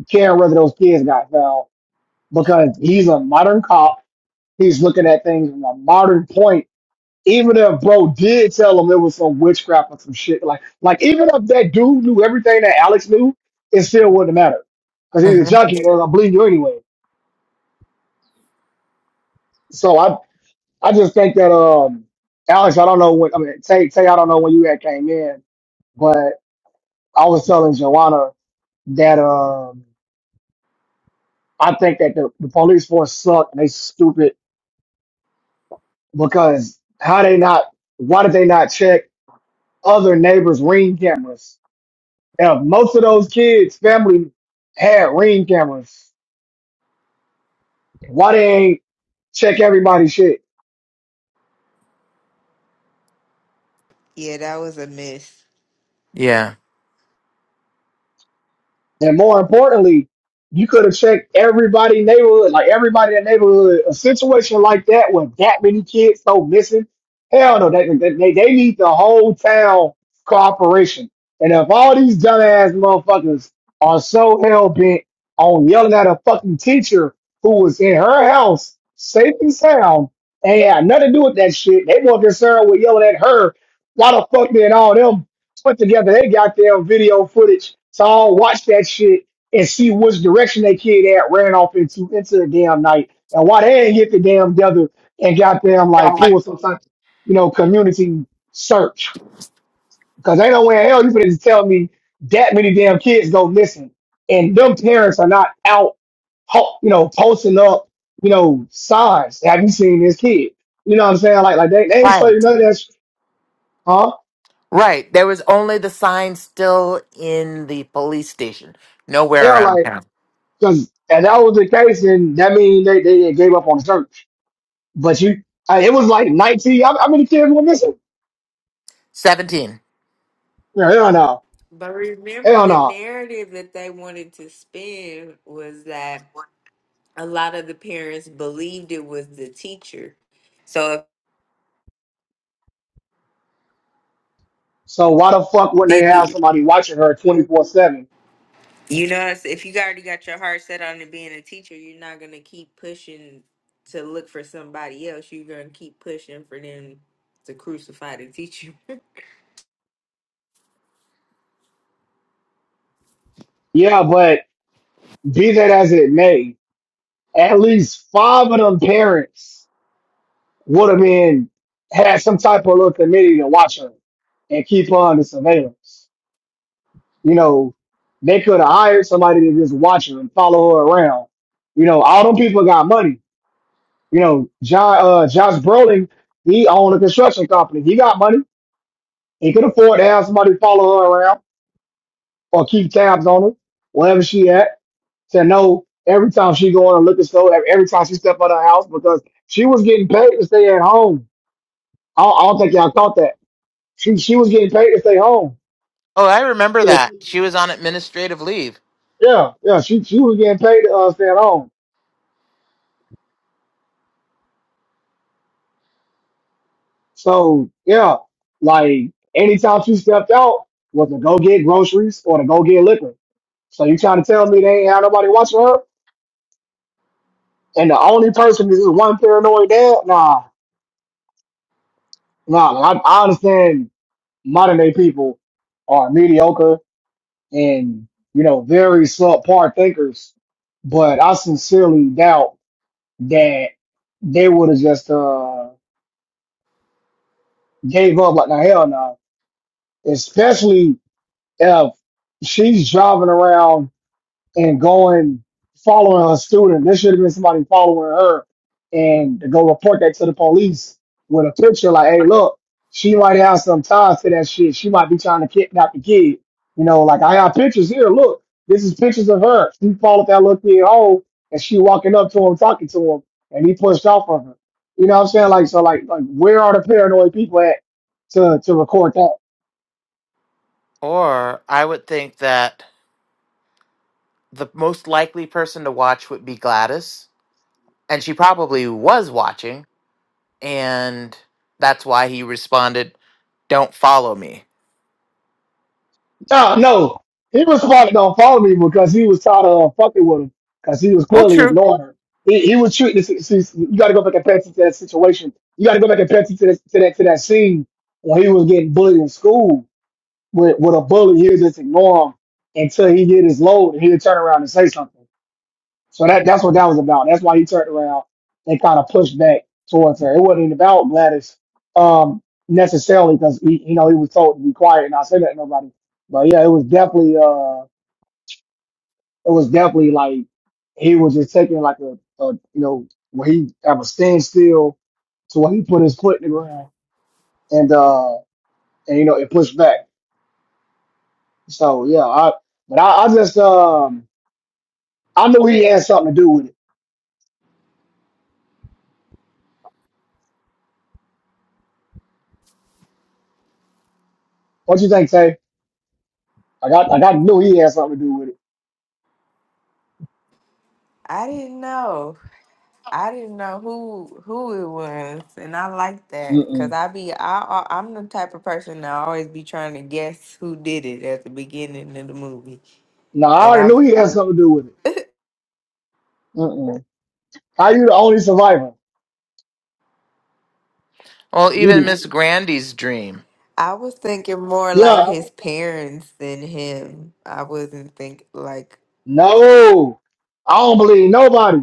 caring whether those kids got found because he's a modern cop. He's looking at things from a modern point. Even if bro did tell him it was some witchcraft or some shit, like like even if that dude knew everything that Alex knew, it still wouldn't matter because he's a
hmm
junkie and they're gonna believe you anyway. So I, I just think that um Alex, I don't know when I mean Tay Tay, I don't know when you had came in, but I was telling Joanna that um I think that the, the police force suck and they stupid because how they not why did they not check other neighbors' ring cameras? Now most of those kids' family had ring cameras. Why they ain't check everybody's shit?
Yeah, that was a miss.
Yeah.
And more importantly, you could have checked everybody neighborhood, like everybody in the neighborhood. A situation like that with that many kids so missing, hell no, they, they, they they need the whole town cooperation. And if all these dumbass motherfuckers are so hell bent on yelling at a fucking teacher who was in her house, safe and sound, and had nothing to do with that shit, they more concerned with yelling at her. Why the fuck did all them put together they got their goddamn video footage. So I'll watch that shit and see which direction that kid at ran off into into the damn night and why they ain't get the damn together and got them
I'm
like pull
like,
some type of, you know, community search. Because ain't no way in hell you could just tell me that many damn kids go listen. And them parents are not out, ho- you know, posting up, you know, signs. Have you seen this kid? You know what I'm saying? Like, like they, they ain't show you
right,
none of that. sh- Huh?
right. There was only the sign still in the police station,
They
nowhere
are like,
around town.
Because if that was the case, then that means they, they gave up on the church. But you, uh, it was like 19. How, how many kids were missing?
Seventeen.
No, hell no.
But remember,
Hell
the
no.
narrative that they wanted to spin was that a lot of the parents believed it was the teacher. So
So why the fuck wouldn't they
if
have
you,
somebody watching her 24 7?
you know, it's- if you already got your heart set on it being a teacher, you're not gonna keep pushing to look for somebody else. You're gonna keep pushing for them to crucify the teacher.
Yeah, but be that as it may, at least five of them parents would have been, had some type of little committee to watch her and keep her under surveillance. You know, they could have hired somebody to just watch her and follow her around. You know, all them people got money You know, John uh Josh Brolin, he owned a construction company. He got money. He could afford to have somebody follow her around or keep tabs on her, wherever she at, to know every time she go in a liquor store, every every time she step out of her house because she was getting paid to stay at home. I don't, I don't think y'all caught that. She she was getting paid to stay home.
Oh, I remember that. She was on administrative leave.
Yeah, yeah, she she was getting paid to uh, stay at home. So yeah, like anytime she stepped out was to go get groceries or to go get liquor. So you trying to tell me they ain't had nobody watching her? And the only person is this one paranoid dad? Nah, nah. I, I understand modern day people are mediocre and you know very subpar thinkers, but I sincerely doubt that they would have just uh gave up like the hell no. Especially if she's driving around and going following her student. There should have been somebody following her and to go report that to the police with a picture like, hey, look, she might have some ties to that shit. She might be trying to kidnap the kid. You know, like I have pictures here. Look, this is pictures of her. She followed that little kid home and she walking up to him, talking to him, and he pushed off of her. You know what I'm saying? Like, so like, like where are the paranoid people at to, to record that?
Or I would think that the most likely person to watch would be Gladys. And she probably was watching. And that's why he responded don't follow me.
No, no. He was probably gonna follow me because he was tired of fucking with him because he was
Well,
clearly
true.
ignoring her. He, he was treating this. See, you got to go back and pay attention to that situation. You got to go back and pay attention to, this, to that to that scene when he was getting bullied in school with with a bully. He would just ignore him until he get his load, and he'd turn around and say something. So that that's what that was about. That's why he turned around and kind of pushed back towards her. It wasn't about Gladys um, necessarily because he you know he was told to be quiet and not say that to nobody. But yeah, it was definitely uh it was definitely like he was just taking like a, a you know where he have a standstill to where he put his foot in the ground and uh and you know it pushed back. So yeah, I but I, I just um I knew he had something to do with it. What you think, Tay? Like I, got I got knew he had something to do with
I didn't know. I didn't know who who it was, and I like that
it.
because I be I I- I'm the type of person that always be trying to guess who did it at the beginning of the movie,
No, I
and
already
I
knew he had something to do with it. Mm-mm. How you the only survivor?
Well,
You
even
the
Miss Grandy's dream.
I was thinking more like
yeah.
his parents than him. I wasn't think like
No, I don't believe nobody.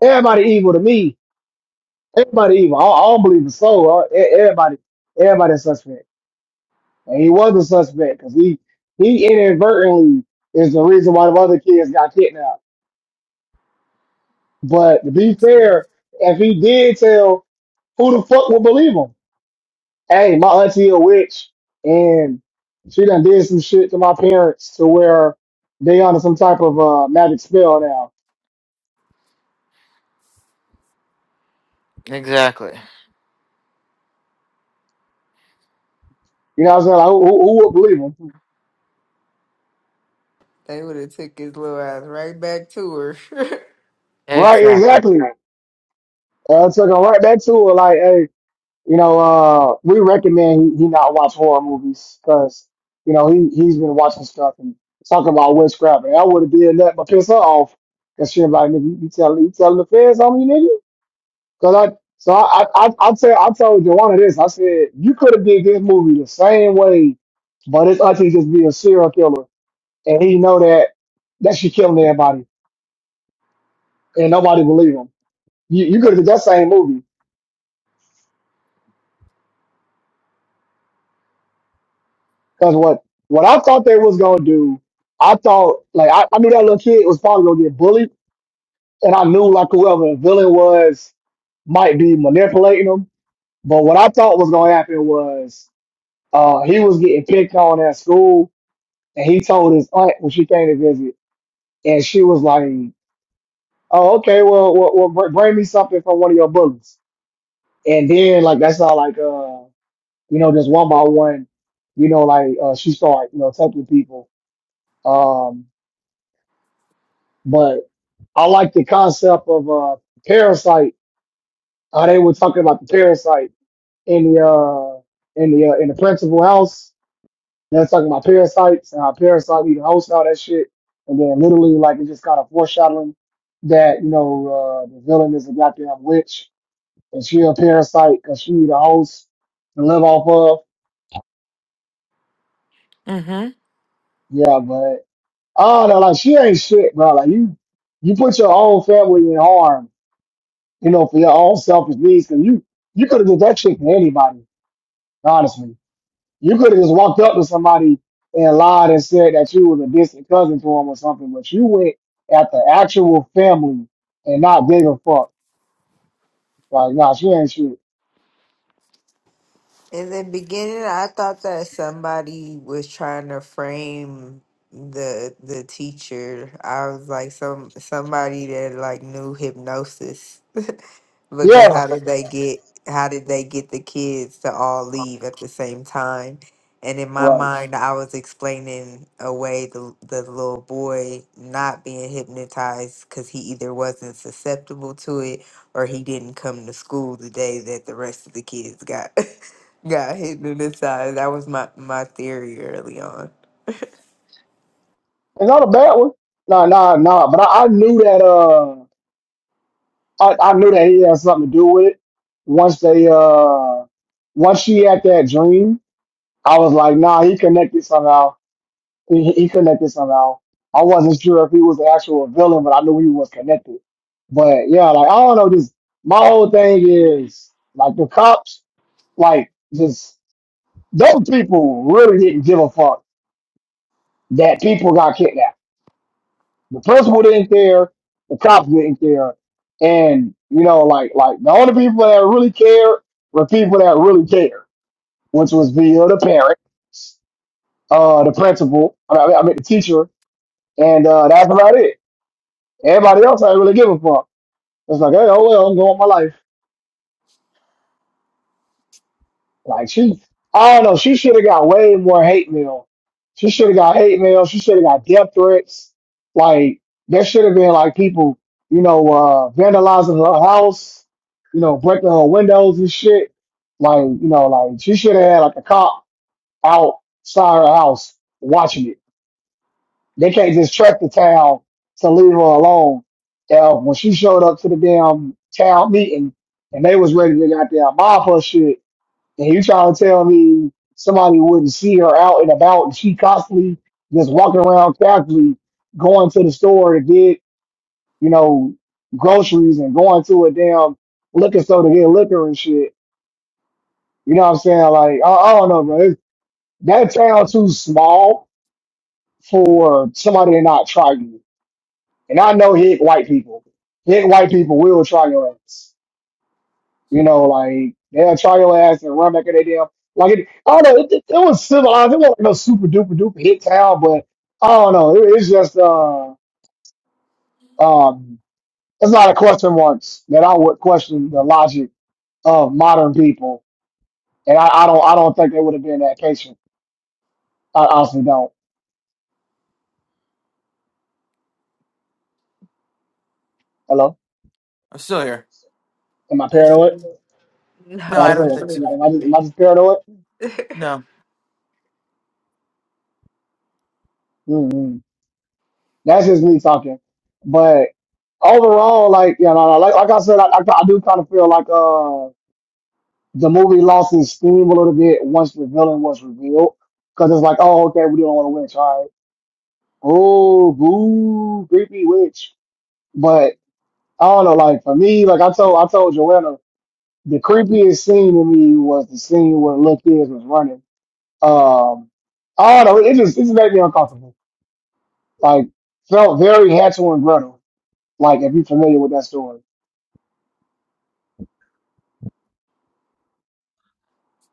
Everybody evil to me. Everybody evil. I, I don't believe a soul. I- e- Everybody, everybody a suspect. And he was a suspect because he he inadvertently is the reason why the other kids got kidnapped. But to be
I'm scared
fair, if he did tell, who the fuck would believe him? hey, my auntie a witch, and she done did some shit to my parents to where they under some type of uh, magic spell now.
Exactly.
You know what I'm saying? Like, who, who who would believe them?
they would have took his little ass right back to her.
Right,
Exactly.
exactly. Uh, took him right back to her, like, hey, you know, uh, we recommend he, he not watch horror movies because, you know, he, he's been watching stuff and talking about witchcraft, and I would have been nothing but piss her off. Cause she like, nigga, you, you tell you telling the feds on me, Cause I, so I, I, I, I tell, I told Joanna this. I said you could have did this movie the same way, but it's actually just be a serial killer, and he know that that she killing everybody, and nobody believe him. You, you could have did that same movie. Cause what, what I thought they was gonna do, I thought like I, I knew that little kid was probably gonna get bullied, and I knew like whoever the villain was might be manipulating him. But what I thought was gonna happen was uh, he was getting picked on at school, and he told his aunt when she came to visit, and she was like, "Oh, okay, well, well, well br- bring me something from one of your books." And then like that's how like uh you know just one by one, you know like uh, she started you know taking people. Um, but I like the concept of uh parasite. Uh, they were talking about the parasite in the uh in the uh, in the principal house They was talking about parasites and how parasites eat hosts and all that shit. And then literally, like, it just kind of foreshadowing that, you know, uh, the villain is a goddamn witch and she a parasite because she need a host to live off of.
Mm-hmm.
Yeah, but I don't know, like, she ain't shit, bro. Like, you, you put your own family in harm, you know, for your own selfish needs. Cause you, you could have did that shit to anybody, honestly. You could have just walked up to somebody and lied and said that you was a distant cousin to him or something, but you went at the actual family and not gave a fuck. Like, nah, she ain't shit.
In the beginning, I thought that somebody was trying to frame the the teacher. I was like some somebody that like knew hypnosis because
Yeah,
how did they get how did they get the kids to all leave at the same time? And in my
right.
mind, I was explaining away the the little boy not being hypnotized because he either wasn't susceptible to it or he didn't come to school the day that the rest of the kids got. Got hit through the side. That was my my theory early on.
It's not a bad one. Nah, nah, nah. But I, I knew that. Uh, I, I knew that he had something to do with it. Once they, uh, once she had that dream, I was like, nah, he connected somehow He, he connected somehow. I wasn't sure if he was the actual villain, but I knew he was connected. But yeah, like I don't know. Just my whole thing is like the cops, like just those people really didn't give a fuck that people got kidnapped. The principal didn't care. The cops didn't care. And you know, like like the only people that really cared were people that really cared, which was via the parents, uh, the principal, I mean, I mean the teacher, and uh, that's about it. Everybody else I ain't really give a fuck. It's like, hey, oh well, I'm going my life. Like she, I don't know. She should have got way more hate mail. She should have got hate mail. She should have got death threats. Like there should have been like people, you know, uh, vandalizing her house, you know, breaking her windows and shit. Like you know, like she should have had like a cop outside her house watching it They can't just trek the town to leave her alone. Now, when she showed up to the damn town meeting and they was ready to goddamn mob her shit, and you trying to tell me somebody wouldn't see her out and about and she constantly just walking around casually going to the store to get, you know, groceries and going to a damn liquor store to get liquor and shit. You know what I'm saying? Like, I, I don't know, bro. It's- That town too small for somebody to not try you. And I know hick white people. Hick white people will try your ass. You know, like they'll try your ass and run back at their damn like it, I don't know, it, it it was civilized. It wasn't no super duper duper hick town, but I don't know. It, it's just uh um it's not a question once that I would question the logic of modern people. And I, I don't I don't think they would have been that patient. I honestly don't. Hello?
I'm still here.
Am I paranoid?
Listen,
No,
Am I
no,
I
just,
don't
which
think
one
so.
am I
is
just, am
me?
I just paranoid?
No.
Mm-hmm. That's just me talking. But overall, like you know, like, like I said, I, I, I do kind of feel like uh the movie lost its steam a little bit once the villain was revealed, because it's like, oh, okay, we don't want a witch, all right? Oh, boo, creepy witch. But I don't know, like for me, like I told, I told Joanna, the creepiest scene to me was the scene where Lil Kids was running. Um, I don't know, it just it just made me uncomfortable. Like felt very Hansel and Gretel. Like if you're familiar with that story.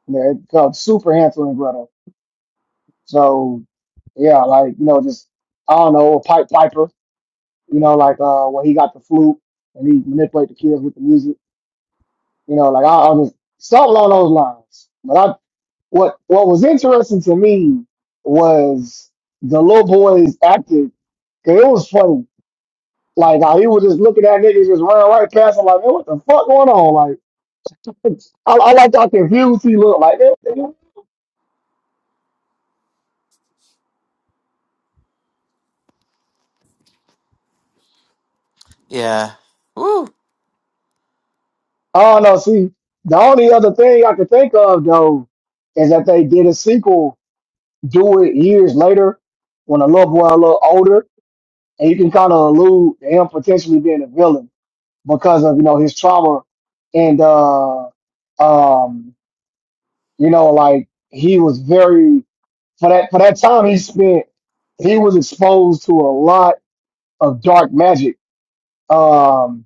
Yeah, it's called super handsome and Gretel. So yeah, like you know, just I don't know, a pipe piper. You know, like uh, where he got the flute and he manipulate the kids with the music. You know, like I, I was something along those lines. But I what what was interesting to me was the little boys acted. Cause it was funny. Like how he was just looking at niggas just running right past him. Like, man, what the fuck going on? Like, I, I like how confused he looked. Like,
Yeah. Woo.
Oh no, see, the only other thing I could think of though is that they did a sequel, do it years later, when a little boy a little older, and you can kind of allude to him potentially being a villain because of you know his trauma and uh um you know like he was very for that for that time he spent he was exposed to a lot of dark magic um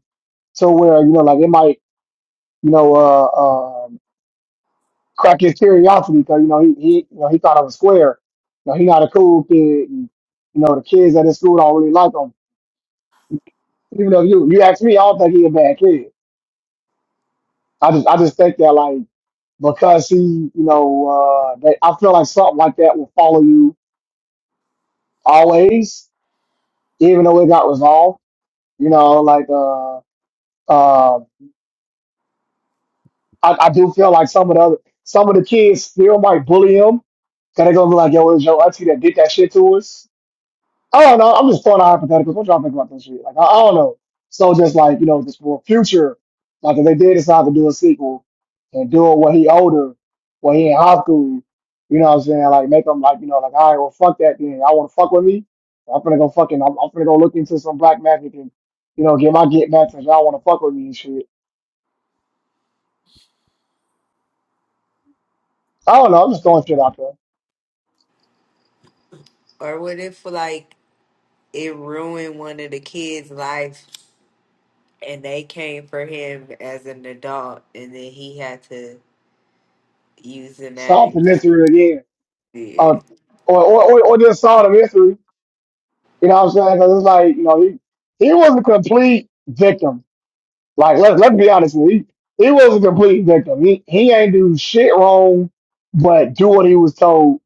to where you know like it might you know uh, um, crack his curiosity because you know he he you know he thought I was square. You know he not a cool kid. And, you know the kids at his school don't really like him. Even though you you ask me, I don't think he a bad kid. I just I just think that like because he you know uh that I feel like something like that will follow you always, even though it got resolved. You know like uh uh I, I do feel like some of the other, some of the kids still might bully him. Cause they're gonna be like, yo, it was your auntie that did that shit to us I don't know. I'm just throwing out hypotheticals. What y'all think about this shit? Like, I, I don't know. So just like, you know, just for future, like if they did decide to do a sequel and do it when he older, when he in high school, you know what I'm saying? Like make him like, you know, like, all right, well, fuck that then. Y'all want to fuck with me? I'm gonna go fucking, I'm, I'm gonna go look into some black man who can, you know, get my get back since y'all want to fuck with me and shit. I don't know. I'm just throwing shit out there.
or what if like it ruined one of the kids' life and they came for him as an adult and then he had to use the
Solve the
magic.
mystery again. Uh,
yeah.
or, or, or, or just solve the mystery. You know what I'm saying? 'Cause it's like, you know, he, he was a complete victim. Like, let, let's be honest. with you. He, he was a complete victim. He, he ain't do shit wrong, but do what he was told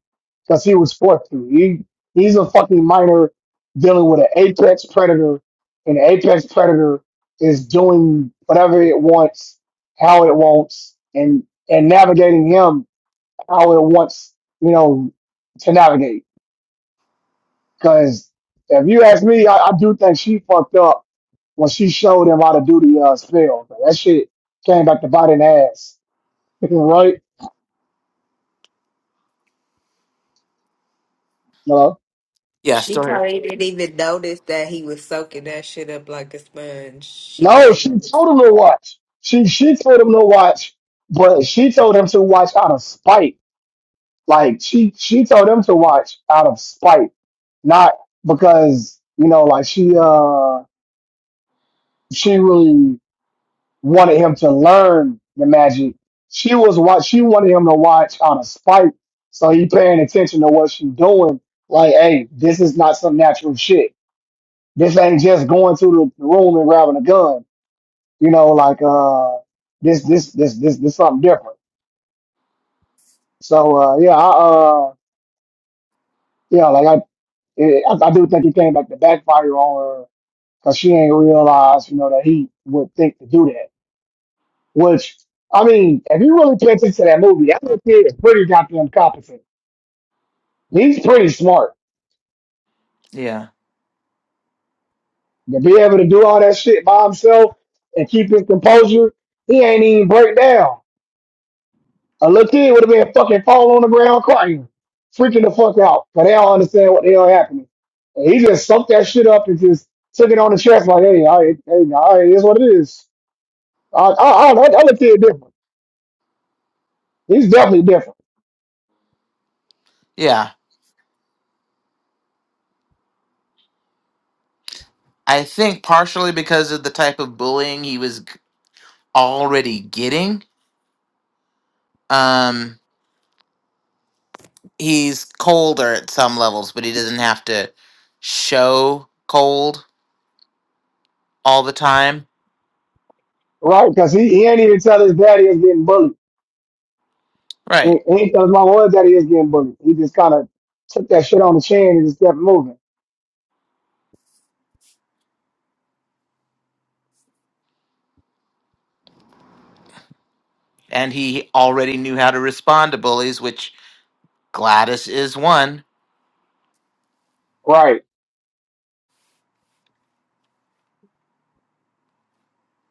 because he was forced to. He, he's a fucking minor dealing with an apex predator, and the apex predator is doing whatever it wants, how it wants, and, and navigating him how it wants, you know, to navigate. Because if you ask me, I, I do think she fucked up when she showed him how to do the uh, spell. Like, that shit came back to bite an ass, right? No,
Yeah,
She
still here.
probably didn't even notice that he was soaking that shit up like a sponge. She
no,
probably
she
didn't.
told him to watch. She she told him to watch, but she told him to watch out of spite. Like she she told him to watch out of spite, not because you know, like she uh she really wanted him to learn the magic. She was what she wanted him to watch out of spite. So he paying attention to what she doing. Like, hey, this is not some natural shit. This ain't just going to the room and grabbing a gun. You know, like uh, this this this this this something different. So uh, yeah, I uh, yeah, like I it, I, I do think he came back to backfire on her because she ain't realize, you know, that he would think to do that. Which, I mean, if you really pay attention to that movie, that little kid is pretty goddamn competent. He's pretty smart.
Yeah.
To be able to do all that shit by himself and keep his composure, he ain't even break down. A little kid would have been fucking falling on the ground crying, freaking the fuck out, but they don't understand what the hell happened. And he just sucked that shit up and just took it on the chest like, hey, all right, hey, all right, it is what it is. I, I, I, that that little kid different. He's definitely different,
Yeah. I think partially because of the type of bullying he was g- already getting. Um, he's colder at some levels, but he doesn't have to show cold all the time.
right? Because he, he ain't even tell his daddy is getting bullied
Right.
Ain't ain't nothing wrong with that. He is getting bullied. He just kind of took that shit on the chin and just kept moving.
And he already knew how to respond to bullies, which Gladys is one.
Right.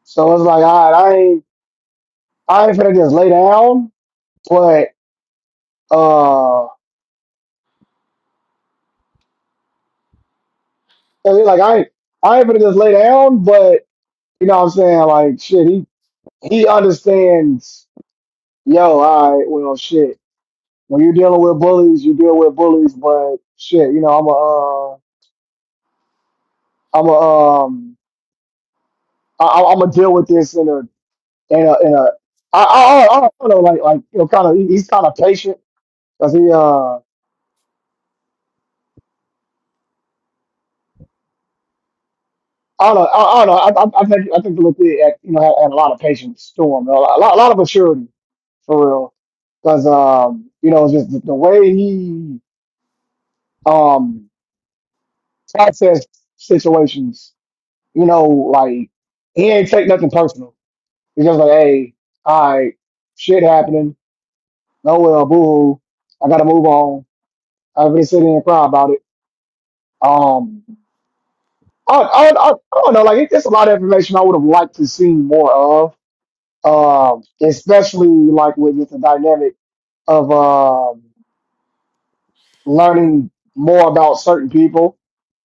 So it's like, all right, I ain't, I ain't finna just lay down, but uh, 'cause it's like I, ain't- I ain't finna just lay down, but you know what I'm saying? Like shit, he he understands. Yo, all right, well, shit. When you're dealing with bullies, you deal with bullies, but shit, you know, I'm a, uh, I'm a, um, I, I'm gonna deal with this in a and uh, and uh, I, I, I I don't know, like like you know, kind of he, he's kind of patient because he uh. I don't know. I, I don't know. I, I, I think I think Luke had, you know had, had a lot of patience to him. A lot, a lot a lot of maturity for real. Because um, you know, just the, the way he um processed situations. You know, like he ain't take nothing personal. He's just like, hey, all right, shit happening. No well, boo. hoo. I gotta move on. I've been sitting and cry about it. um. I, I, I, I don't know. Like, it, it's a lot of information I would have liked to see more of, um, especially like with just the dynamic of um, learning more about certain people.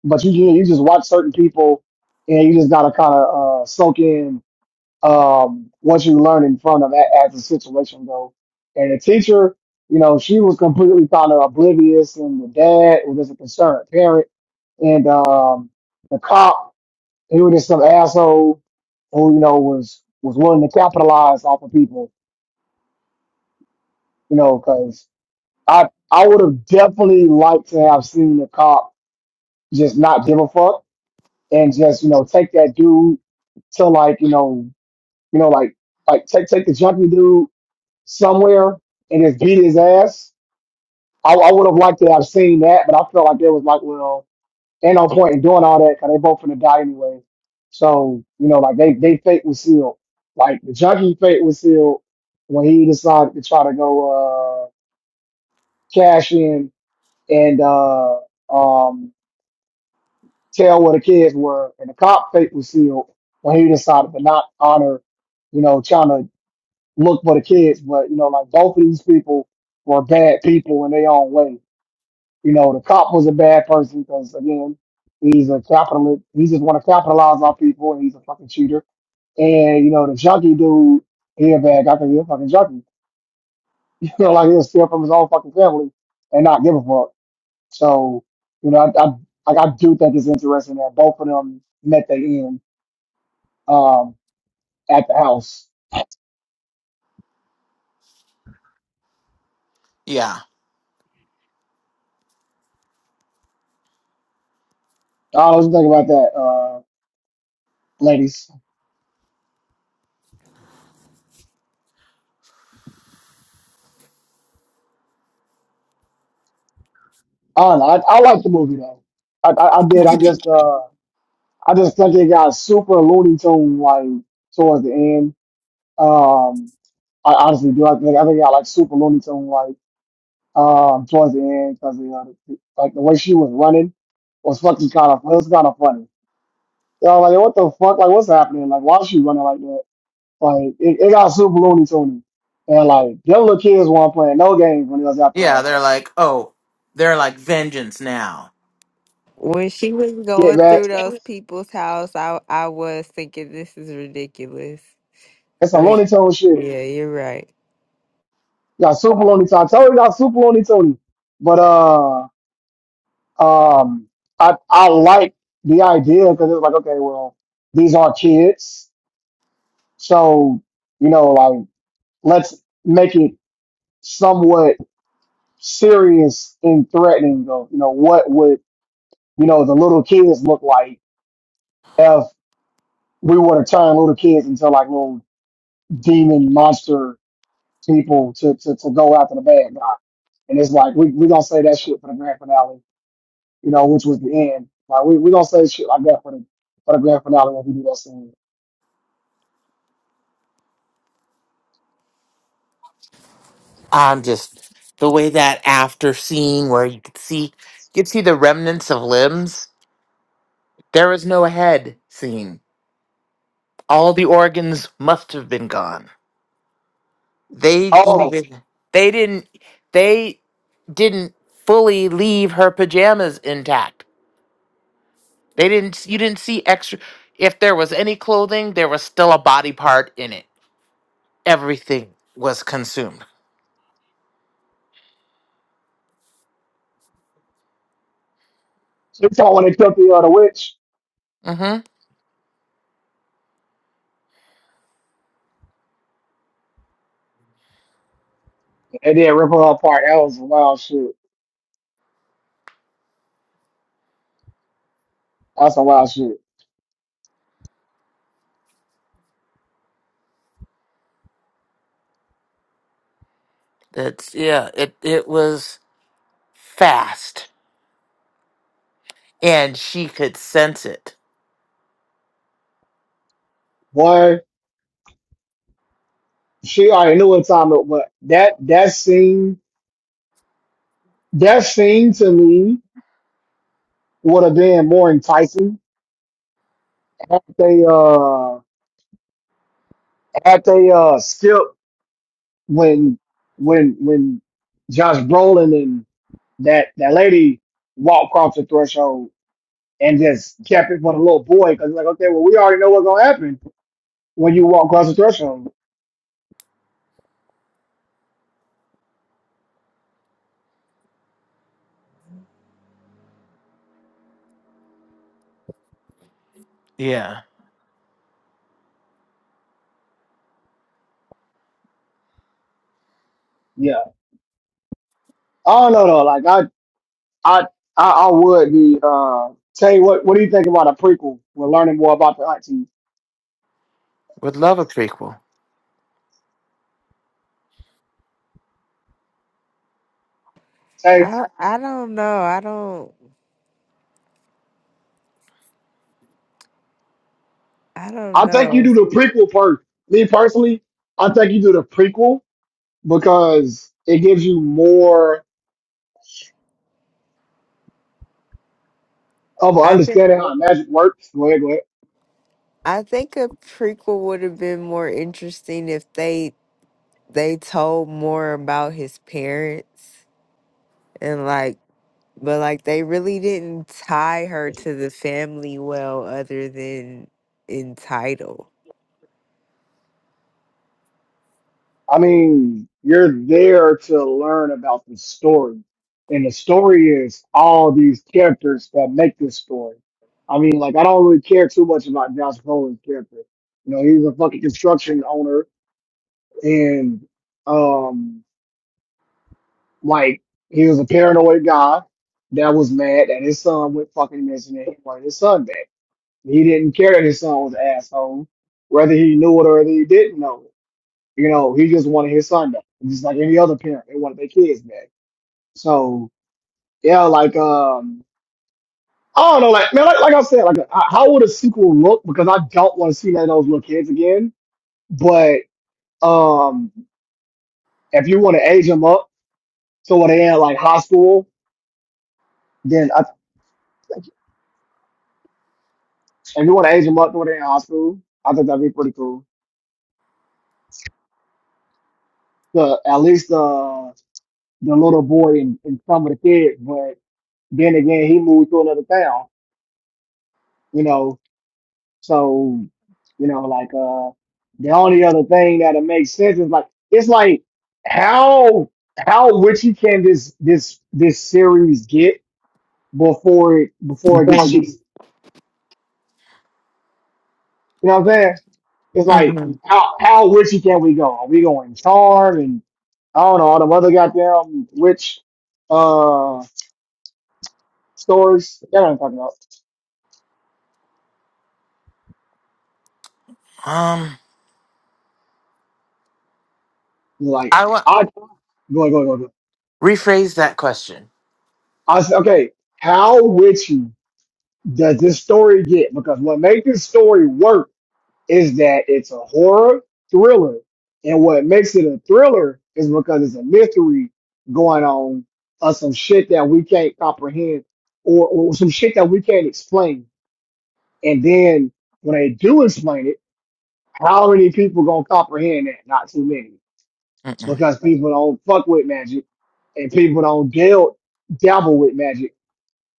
But you you you just watch certain people, and you just gotta kind of uh, soak in um, what you learn in front of that as the situation goes. And the teacher, you know, she was completely kind of oblivious, and the dad was just a concerned parent, and um, the cop, he was just some asshole who you know was was willing to capitalize off of people, you know, because I I would have definitely liked to have seen the cop just not give a fuck and just you know take that dude to like you know you know like like take take the junkie dude somewhere and just beat his ass. I, I would have liked to have seen that, but I felt like there was like well ain't no point in doing all that because they both finna die anyway. So you know, like they they fate was sealed. Like the junkie fate was sealed when he decided to try to go uh cash in and uh um tell where the kids were, and the cop fate was sealed when he decided to not honor, you know, trying to look for the kids. But you know, like both of these people were bad people in their own way. You know, the cop was a bad person because again, he's a capitalist. He just want to capitalize on people, and he's a fucking cheater. And you know, the junkie dude, he a bad guy because he's a fucking junkie. You know, like he'll steal from his own fucking family and not give a fuck. So, you know, I, I like I do think it's interesting that both of them met their end um, at the house.
Yeah.
I was thinking about that, uh, ladies. I don't know. I, I like the movie though. I, I, I did. I just uh, I just think it got super Looney Tune like towards the end. Um, I honestly do. I think I think it got like super Looney Tune like um towards the end because you know the- like the way she was running was fucking kind of it was kind of funny. You know, like what the fuck? Like what's happening? Like why is she running like that? Like it, it got super Looney Tune. And like them little kids weren't playing no games when they was after
Yeah,
her.
they're like, oh, they're like vengeance now.
when she was
Get
going
back.
through those people's house, I I was thinking this is ridiculous.
It's some
Right.
Looney Tune shit.
Yeah, you're right.
Got super Looney Tune. I told you got super Looney Tune. But uh. Um, I I like the idea because it's like, okay, well, these are kids, so you know, like let's make it somewhat serious and threatening. Of you know, what would you know the little kids look like if we were to turn little kids into like little demon monster people to to, to go after the bad guy? And it's like we we gonna say that shit for the grand finale, you know, which was the end. Like we we gonna say shit like that for the for the grand finale when we do that scene.
I'm just the way that after scene where you could see you could see the remnants of limbs. There was no head scene. All the organs must have been gone. They
Oh,
even they didn't they didn't fully leave her pajamas intact. They didn't you didn't see extra if there was any clothing, there was still a body part in it. everything was consumed.
you talking when they took the other witch
Mm-hmm.
and then rip her apart? That was a wild shit. That's a wild shit.
That's yeah. It it was fast, and she could sense it.
Boy, she already knew what time it was. That that scene, that scene to me would have been more enticing had they uh had they uh skipped when when when Josh Brolin and that that lady walked across the threshold and just kept it for the little boy because like okay, well we already know what's gonna happen when you walk across the threshold.
Yeah,
Yeah. I don't know though. Like I, I, I, I would be. Uh, Tay, what, what do you think about a prequel? We're learning more about the auntie.
would love a prequel.
Tay,
I I don't know. I don't I don't
I think you
know.
do the prequel first. Me personally, I think you do the prequel because it gives you more of an
I think
understanding how magic works. Go ahead, go ahead.
I think a prequel would have been more interesting if they they told more about his parents and like but like they really didn't tie her to the family well other than in title.
I mean, you're there to learn about the story. And the story is all these characters that make this story. I mean, like, I don't really care too much about Josh Brolin's character. You know, he's a fucking construction owner and, um, like, he was a paranoid guy that was mad that his son went fucking missing and he wanted his son back. He didn't care that his son was an asshole, whether he knew it or whether he didn't know. it. You know, he just wanted his son back, just like any other parent. They wanted their kids back. So yeah, like um, I don't know, like man, like, like I said, like h- how would a sequel look? Because I don't want to see none of those little kids again. But um, if you want to age them up, so when they in like high school, then I, think if you want to age them up to where they in high school, I think that'd be pretty cool. The at least the the little boy and, and some of the kids, but then again, he moved to another town. You know, So, you know, like uh the only other thing that'll make sense is like it's like how how witchy can this this this series get before it before it
Before
gets
I get
cheesy? You know what I'm saying? It's like
Mm-hmm.
how how witchy can we go? Are we going charm and I don't know all the other goddamn witch uh stories? That's what I'm talking about.
Um,
Like
I want
I go go go go.
rephrase that question.
I s- okay. How witchy? does this story get? Because what makes this story work is that it's a horror thriller. And what makes it a thriller is because it's a mystery going on of some shit that we can't comprehend or, or some shit that we can't explain. And then when they do explain it, how many people gonna comprehend that? Not too many.
Mm-mm.
Because people don't fuck with magic and people don't deal dabble with magic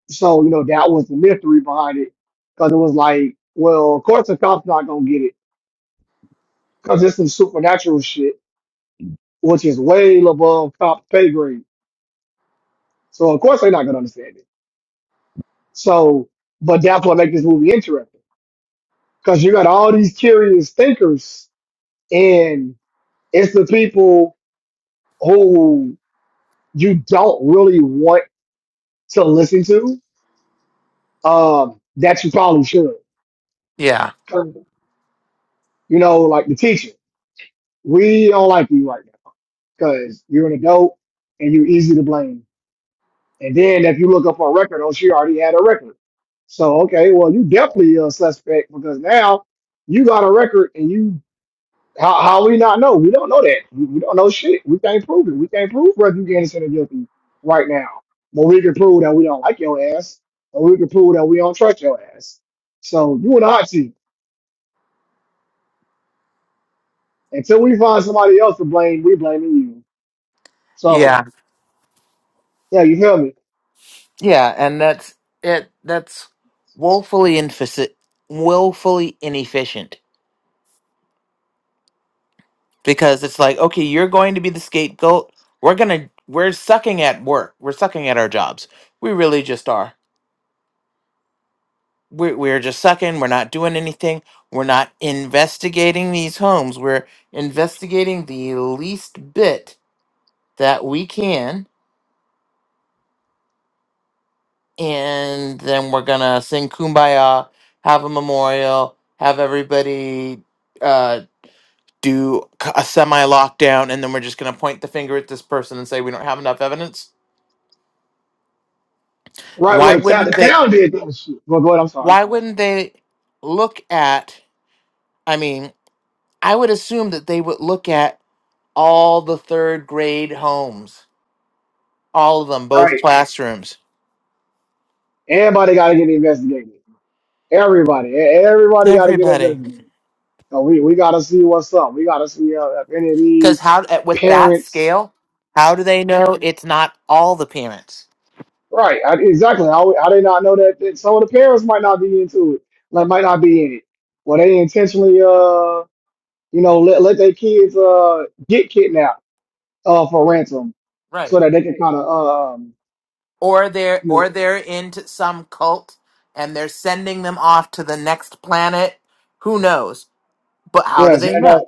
so, you know, that was the mystery behind it. Cause it was like, well, of course the cop's not gonna get it. Cause it's some supernatural shit, which is way above cops' pay grade. So of course they're not gonna understand it. So, but that's what makes this movie interesting. Cause you got all these curious thinkers and it's the people who you don't really want to listen to, um, that you probably should.
Yeah,
You know, like the teacher. We don't like you right now because you're an adult and you're easy to blame. And then if you look up her record, oh, she already had a record. So okay, well, you definitely a suspect because now you got a record and you how, how we not know? We don't know that. We, we don't know shit. We can't prove it. We can't prove whether you're innocent or guilty right now. But we can prove that we don't like your ass, or we can prove that we don't trust your ass. So you in the hot seat. Until we find somebody else to blame, we blaming you. So
yeah,
yeah, you feel me?
yeah, and that's it. That's woefully inefficient, woefully inefficient because it's like, okay, you're going to be the scapegoat. We're gonna, we're sucking at work. We're sucking at our jobs. We really just are. we're, we're just sucking we're not doing anything we're not investigating these homes we're investigating the least bit that we can and then we're gonna sing kumbaya have a memorial have everybody uh, do c- a semi lockdown and then we're just gonna point the finger at this person and say we don't have enough evidence
Right, well,
why
the town, the
wouldn't they
town did that shit. Well, go ahead. I'm sorry. I'm
why
sorry.
wouldn't they look at i mean i would assume that they would look at all the third grade homes, all of them, both
Right.
classrooms,
Everybody got to get investigated. Everybody, e- everybody got to get
everybody.
investigated. So we we got to see what's up. We got to see uh, if any of
Because
these
how at- with that
parents.
scale, how do they know it's not all the parents?
Right, I, exactly. How how they not know that, that some of the parents might not be into it, like might not be in it. Well, they intentionally, uh, you know, let let their kids uh get kidnapped uh for ransom, so
Right.
that they can kind of um,
Or they're
you know,
or they're into some cult and they're sending them off to the next planet. Who knows? But how do they
yeah,
know?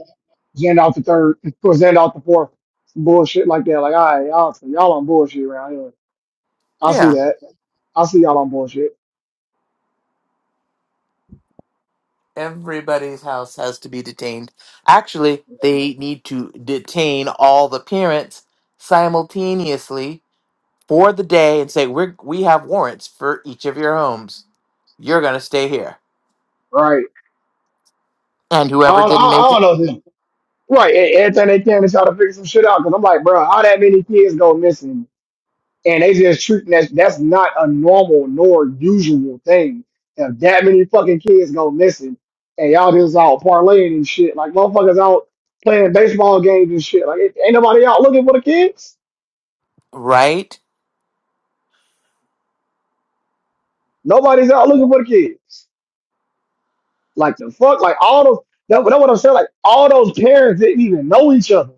Gandalf the third, or Gandalf the fourth, some bullshit like that. Like, all right, y'all, so y'all on bullshit around here. I see
Yeah.
that. I see y'all on bullshit.
Everybody's house has to be detained. Actually, they need to detain all the parents simultaneously for the day and say we are we have warrants for each of your homes. You're going to stay here.
Right.
And
I
whoever
don't, I,
didn't
I
make it,
don't know. This. Right. e- Everything they can to try to figure some shit out. Cause I'm like, bro, how that many kids go missing? And they just treating that, that's not a normal nor usual thing. If that many fucking kids go missing and y'all just out parlaying and shit, like motherfuckers out playing baseball games and shit. Like, ain't nobody out looking for the kids.
right?
Nobody's out looking for the kids. Like the fuck, like all those that, that's what I'm saying. Like all those parents didn't even know each other.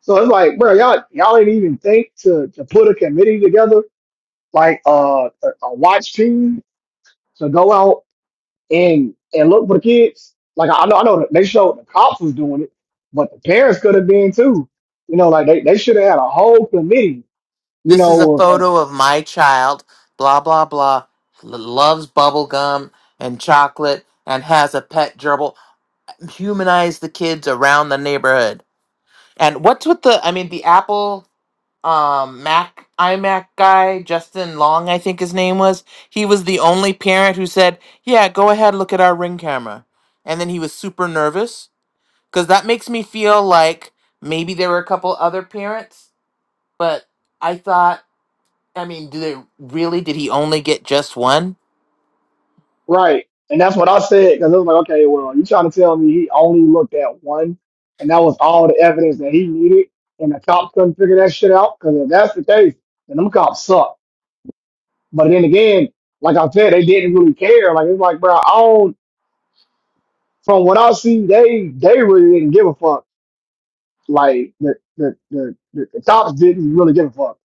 So it's like, bro, y'all y'all didn't even think to to put a committee together, like uh, a, a watch team to go out and and look for the kids. Like I know I know that they showed the cops was doing it, but the parents could have been too. You know, like they, they should have had a whole committee. You
This is a
know, of,
photo of my child, blah blah blah, l- loves bubble gum and chocolate and has a pet gerbil. Humanize the kids around the neighborhood. And what's with the I mean the apple um Mac iMac guy, Justin Long, I think his name was. He was the only parent who said, "Yeah, go ahead, look at our ring camera." And then he was super nervous cuz that makes me feel like maybe there were a couple other parents, but I thought, I mean, do they really did he only get just one?
Right. And that's what I said because it was like, okay, well, you trying to tell me he only looked at one, and that was all the evidence that he needed, and the cops couldn't figure that shit out? Because if that's the case, then them cops suck. But then again, like I said, they didn't really care. Like it's like, bro, I don't. From what I see, they they really didn't give a fuck. Like the the the, the, the cops didn't really give a fuck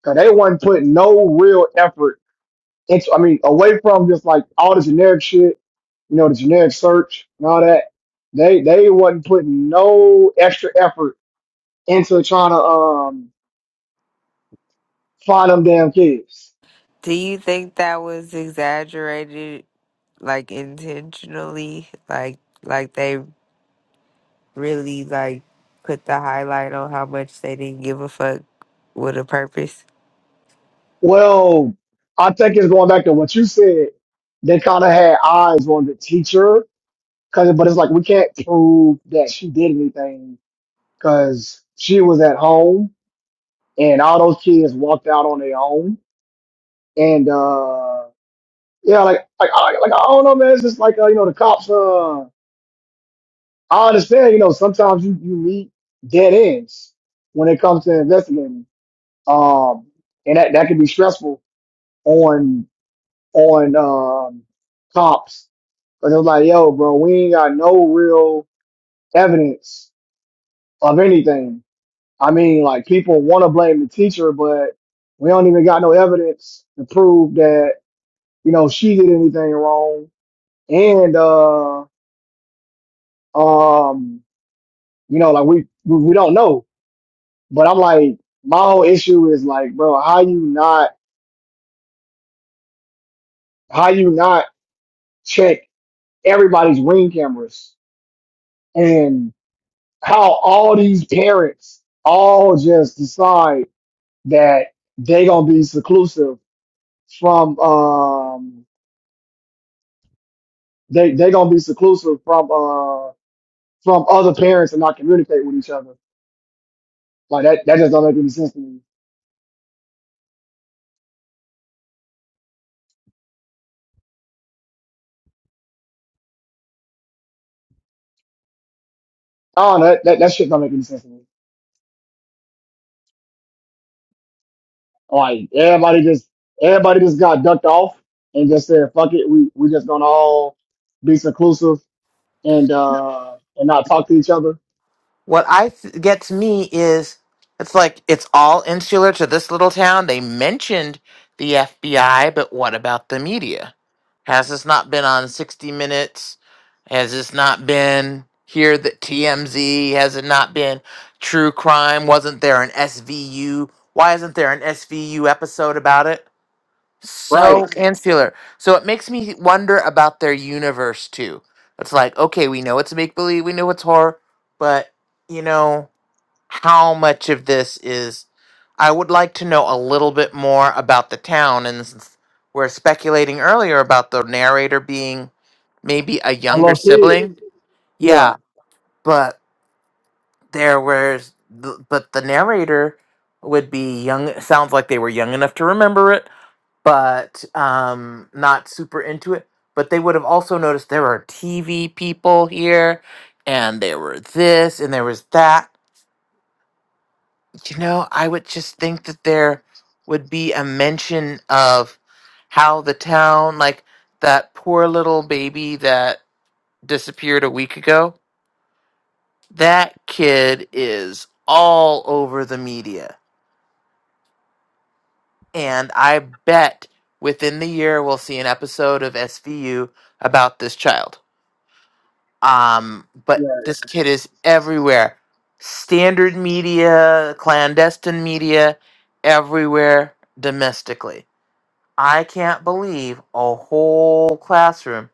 because they wasn't putting no real effort into. I mean, away from just like all the generic shit you know, the generic search and all that. They they wasn't putting no extra effort into trying to um find them damn kids.
Do you think that was exaggerated like intentionally? Like like they really like put the highlight on how much they didn't give a fuck with a purpose.
Well, I think it's going back to what you said. They kind of had eyes on the teacher, cause but it's like we can't prove that she did anything because she was at home and all those kids walked out on their own. And uh yeah, like like I like I don't know, man. It's just like uh, you know the cops. Uh, I understand, you know, sometimes you, you meet dead ends when it comes to investigating. Um, and that, that can be stressful on, on, um, cops. Cause it's like, yo, bro, we ain't got no real evidence of anything. I mean, like people want to blame the teacher, but we don't even got no evidence to prove that, you know, she did anything wrong. And, uh, um, you know, like we, we, we don't know. But I'm like, my whole issue is like, bro, how you not how you not check everybody's ring cameras and how all these parents all just decide that they gonna be seclusive from um they they gonna be seclusive from uh from other parents and not communicate with each other. Like that that just don't make any sense to me. Oh, that that, that shit don't make any sense to me. Like everybody just everybody just got ducked off and just said, "Fuck it, we we just gonna all be seclusive and uh and not talk to each other."
what I th- gets me is it's like it's all insular to this little town. They mentioned the FBI, but what about the media? Has this not been on 60 Minutes? Has this not been here that TMZ? Has it not been True Crime? Wasn't there an SVU? Why isn't there an SVU episode about it? so
Right?
insular. So it makes me wonder about their universe too. It's like, okay, we know it's make believe, we know it's horror, but you know how much of this is? I would like to know a little bit more about the town, and since we're speculating earlier about the narrator being maybe a
I
younger
love kids.
sibling,
Yeah,
yeah, but there was, th- but the narrator would be young. Sounds like they were young enough to remember it but um, not super into it. But they would have also noticed there are TV people here, and there were this, and there was that. You know, I would just think that there would be a mention of how the town, like that poor little baby that disappeared a week ago, that kid is all over the media. And I bet within the year we'll see an episode of SVU about this child Um, but
yeah,
this kid is everywhere. Standard media, clandestine media, everywhere domestically. I can't believe a whole classroom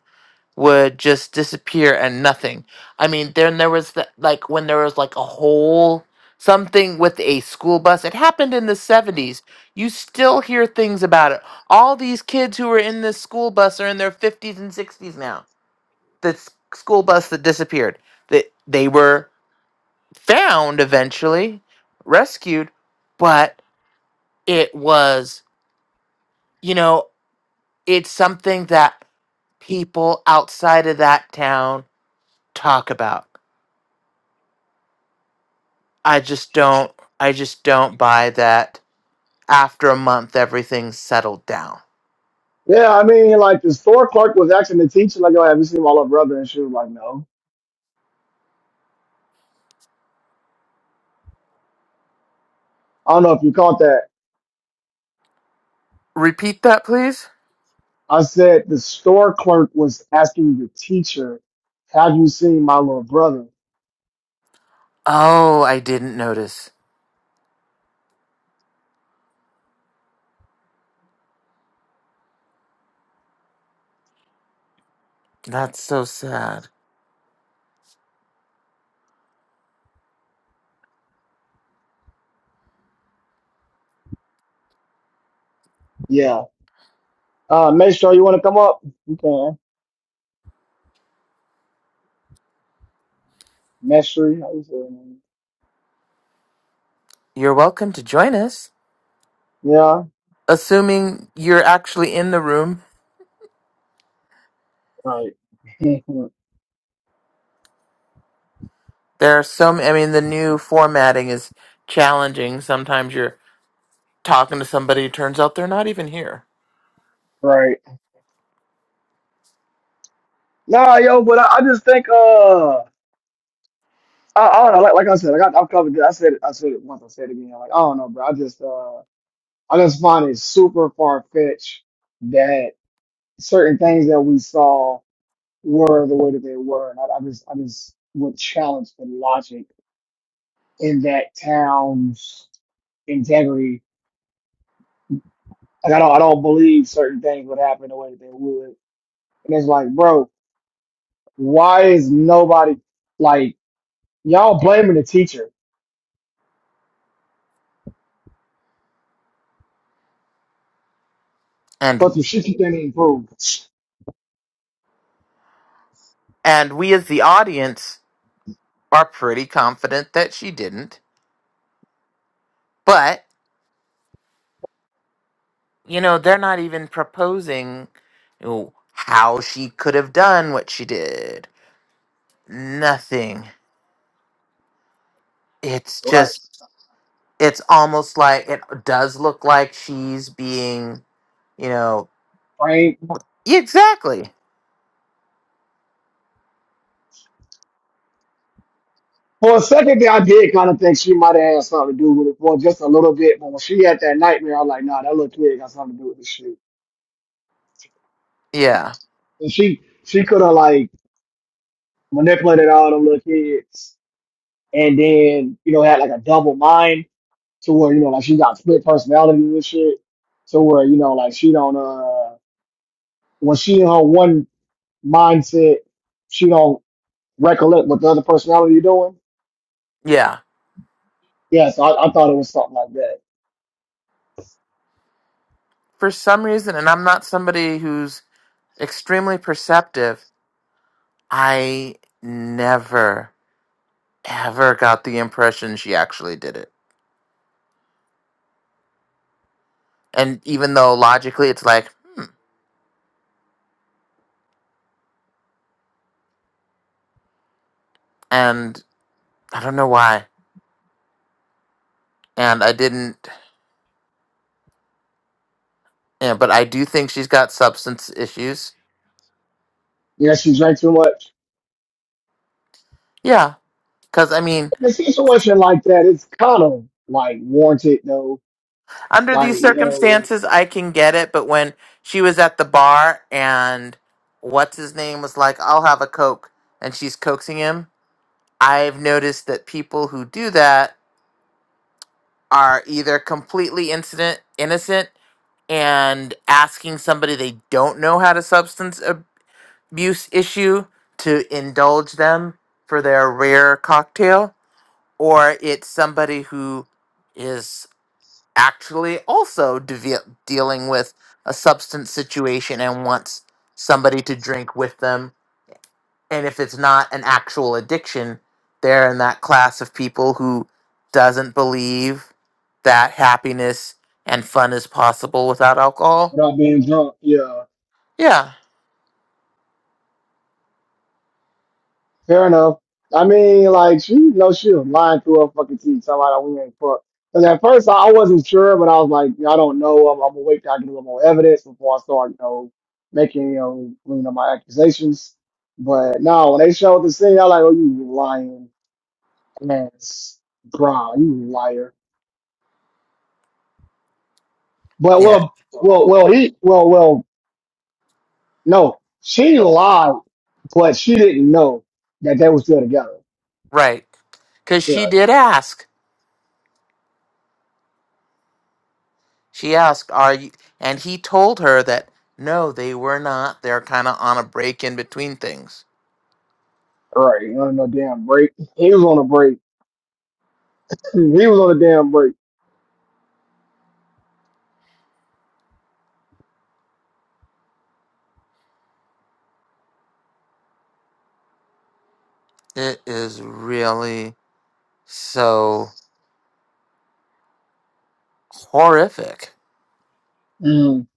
would just disappear and nothing. I mean, then there was the, like when there was like a whole something with a school bus. It happened in the 70s. You still hear things about it. All these kids who were in this school bus are in their 50s and 60s now the s- school bus that disappeared. That they were found eventually, rescued, but it was, you know, it's something that people outside of that town talk about. I just don't I just don't buy that after a month everything's settled down.
yeah. I mean, like the store clerk was asking the teacher, like, "Yo, have you seen my little brother?" And she was like, "No." I don't know if you caught that.
Repeat that, please?
I said the store clerk was asking the teacher, "Have you seen my little brother?"
Oh, I didn't notice. That's so sad.
Yeah. Uh, Maestro, you want to come up? You can. Maestro, how you say your name?
You're welcome to join us,
Yeah.
assuming you're actually in the room
Right.
There are some, I mean, the new formatting is challenging. Sometimes you're talking to somebody, it turns out they're not even here.
right. Nah, yo, but I, I just think uh I, I don't know, like like I said, like I, I've covered it. I said it I said it once, I said it again. Like, I don't know, bro. I just uh I just find it super far fetched that certain things that we saw were the way that they were. And I, I just I just would challenge the logic in that town's integrity. Like I don't I don't believe certain things would happen the way that they would. And it's like, bro, why is nobody like Y'all blaming the teacher for
And
some shit she can't improve.
and we as the audience are pretty confident that she didn't. But, you know, they're not even proposing you know, how she could have done what she did. Nothing. It's
Right.
just it's almost like it does look like she's being, you know,
Right.
exactly.
For a second there, I did kind of think she might have had something to do with it for just a little bit, but when she had that nightmare, I was like, nah, that little kid got something to do with this shit.
Yeah.
And she she could have like manipulated all them little kids and then, you know, had like a double mind to where, you know, like she got split personality and shit. To where, you know, like she don't uh when she in her one mindset, she don't recollect what the other personality doing
Yeah
Yes, I, I thought it was something like that.
for some reason, and I'm not somebody who's extremely perceptive, I never, ever got the impression she actually did it. And even though logically it's like, and I don't know why, and I didn't, yeah, but I do think she's got substance issues.
Yeah, she drank too much.
Yeah. Because, I mean,
In situation like that, it's kind of like warranted though.
under
Like,
these
you know,
circumstances, I can get it, but when she was at the bar and what's his name was like, I'll have a Coke, and she's coaxing him. I've noticed that people who do that are either completely incident innocent and asking somebody they don't know had a substance abuse issue to indulge them for their rare cocktail, or it's somebody who is actually also deve- dealing with a substance situation and wants somebody to drink with them and if it's not an actual addiction, they're in that class of people who doesn't believe that happiness and fun is possible without alcohol.
without being drunk. Yeah.
Yeah,
Fair enough. I mean, like she you know she was lying through her fucking teeth, Somebody we ain't fucked. Because at first I, I wasn't sure, but I was like, I don't know. I'm, I'm gonna wait till I get a little more evidence before I start, you know, making, you know, you know, my accusations. But no, when they showed the scene, I was like, oh, you lying ass, bro, you liar But
yeah,
well, well, well, he, well, well, no, she lied, but she didn't know that they were still together.
right. Because
Yeah,
she did ask. She asked, "Are you?" And he told her that no, they were not. They're kind of on a break in between things.
right. On do damn break. He was on a break. He was on a damn break.
It is really so horrific.
Mm.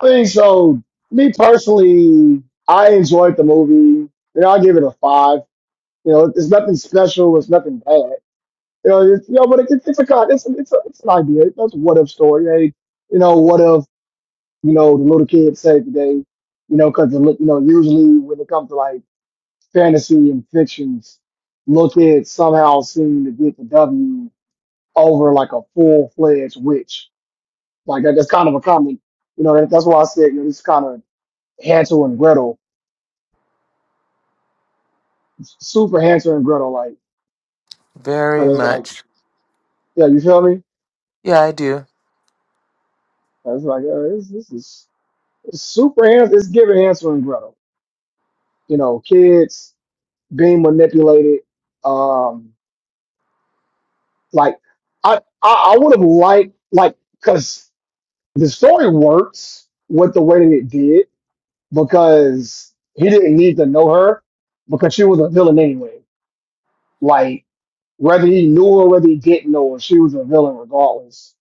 I think so. Me personally, I enjoyed the movie. You know, I give it a five. You know, it's nothing special. It's nothing bad. You know, it's, you know but it, it's a con. It's, it's, a, it's an idea. That's a what if story. Hey, you know, what if? you know, the little kids say today, you know, because you know, usually when it comes to like fantasy and fictions, little kids somehow seem to get the W over like a full fledged witch. Like that, that's kind of a common, you know, that, that's why I said, you know, this kind of Hansel and Gretel, super Hansel and Gretel, like,
Very
cause it's like,
much.
yeah, you feel me?
Yeah, I do.
I was like, uh, this, this is it's super Hansel, it's giving Hansel and Gretel, you know, kids being manipulated, um, Like I I, I would have liked like because the story works with the way that it did because he didn't need to know her because she was a villain anyway. Like whether he knew her, whether he didn't know her, she was a villain regardless.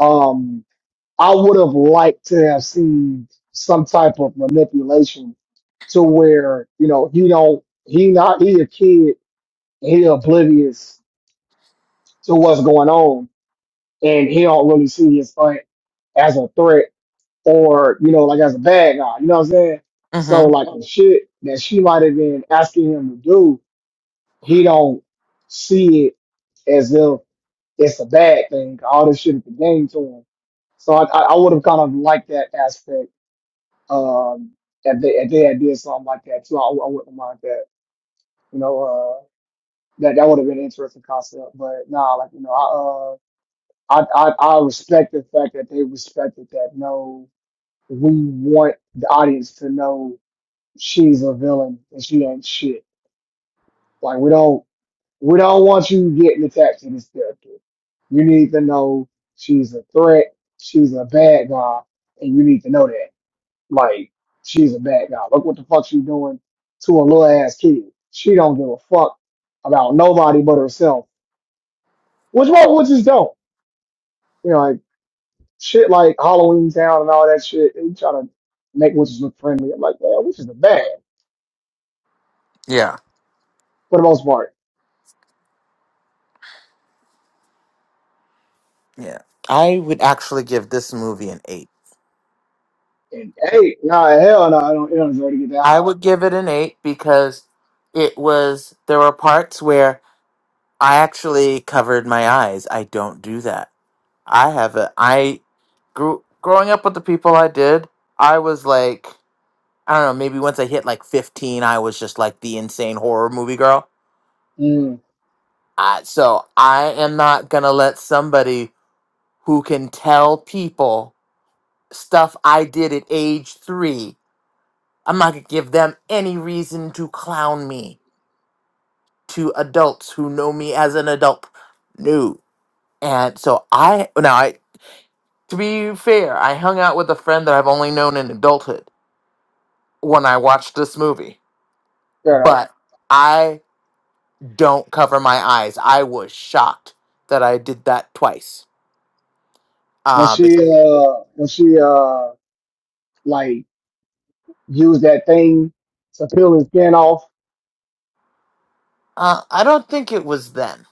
Um, I would have liked to have seen some type of manipulation to where you know he don't he not he a kid he oblivious to what's going on and he don't really see his fight as a threat or you know like as a bad guy. You know what I'm saying? So
Mm-hmm.
like the shit that she might have been asking him to do, he don't see it as if it's a bad thing. All this shit is a game to him. So I, I would have kind of liked that aspect. Um, if they if they had did something like that too, I, I wouldn't mind that. You know, uh, that that would have been an interesting concept. But nah, like you know, I, I I respect the fact that they respected that. No, we want the audience to know she's a villain and she ain't shit. Like we don't we don't want you getting attached to this character. You need to know she's a threat. She's a bad guy, and you need to know that. Like she's a bad guy. Look what the fuck she doing to a little ass kid. She don't give a fuck about nobody but herself. Which one, which don't. You know, shit like Halloween Town and all that shit. They try to make witches look friendly. I'm like, man, witches are bad
Yeah.
for the most part.
Yeah. I would actually give this movie an eight.
And hey, nah, hell no, I don't, it don't deserve to get that
I
high.
would give it an eight because it was, there were parts where I actually covered my eyes. I don't do that. I have a, I grew, growing up with the people I did, I was like, I don't know, maybe once I hit like 15, I was just like the insane horror movie girl.
Mm,
Uh, so I am not going to let somebody who can tell people stuff I did at age three I'm not going to give them any reason to clown me to adults who know me as an adult. No. And so I, now I, to be fair, I hung out with a friend that I've only known in adulthood when I watched this movie,
fair enough.
but I don't cover my eyes. I was shocked that I did that twice.
When
Uh,
she,
because,
uh, when she, uh, like used that thing to peel his skin off,
uh, I don't think it was then.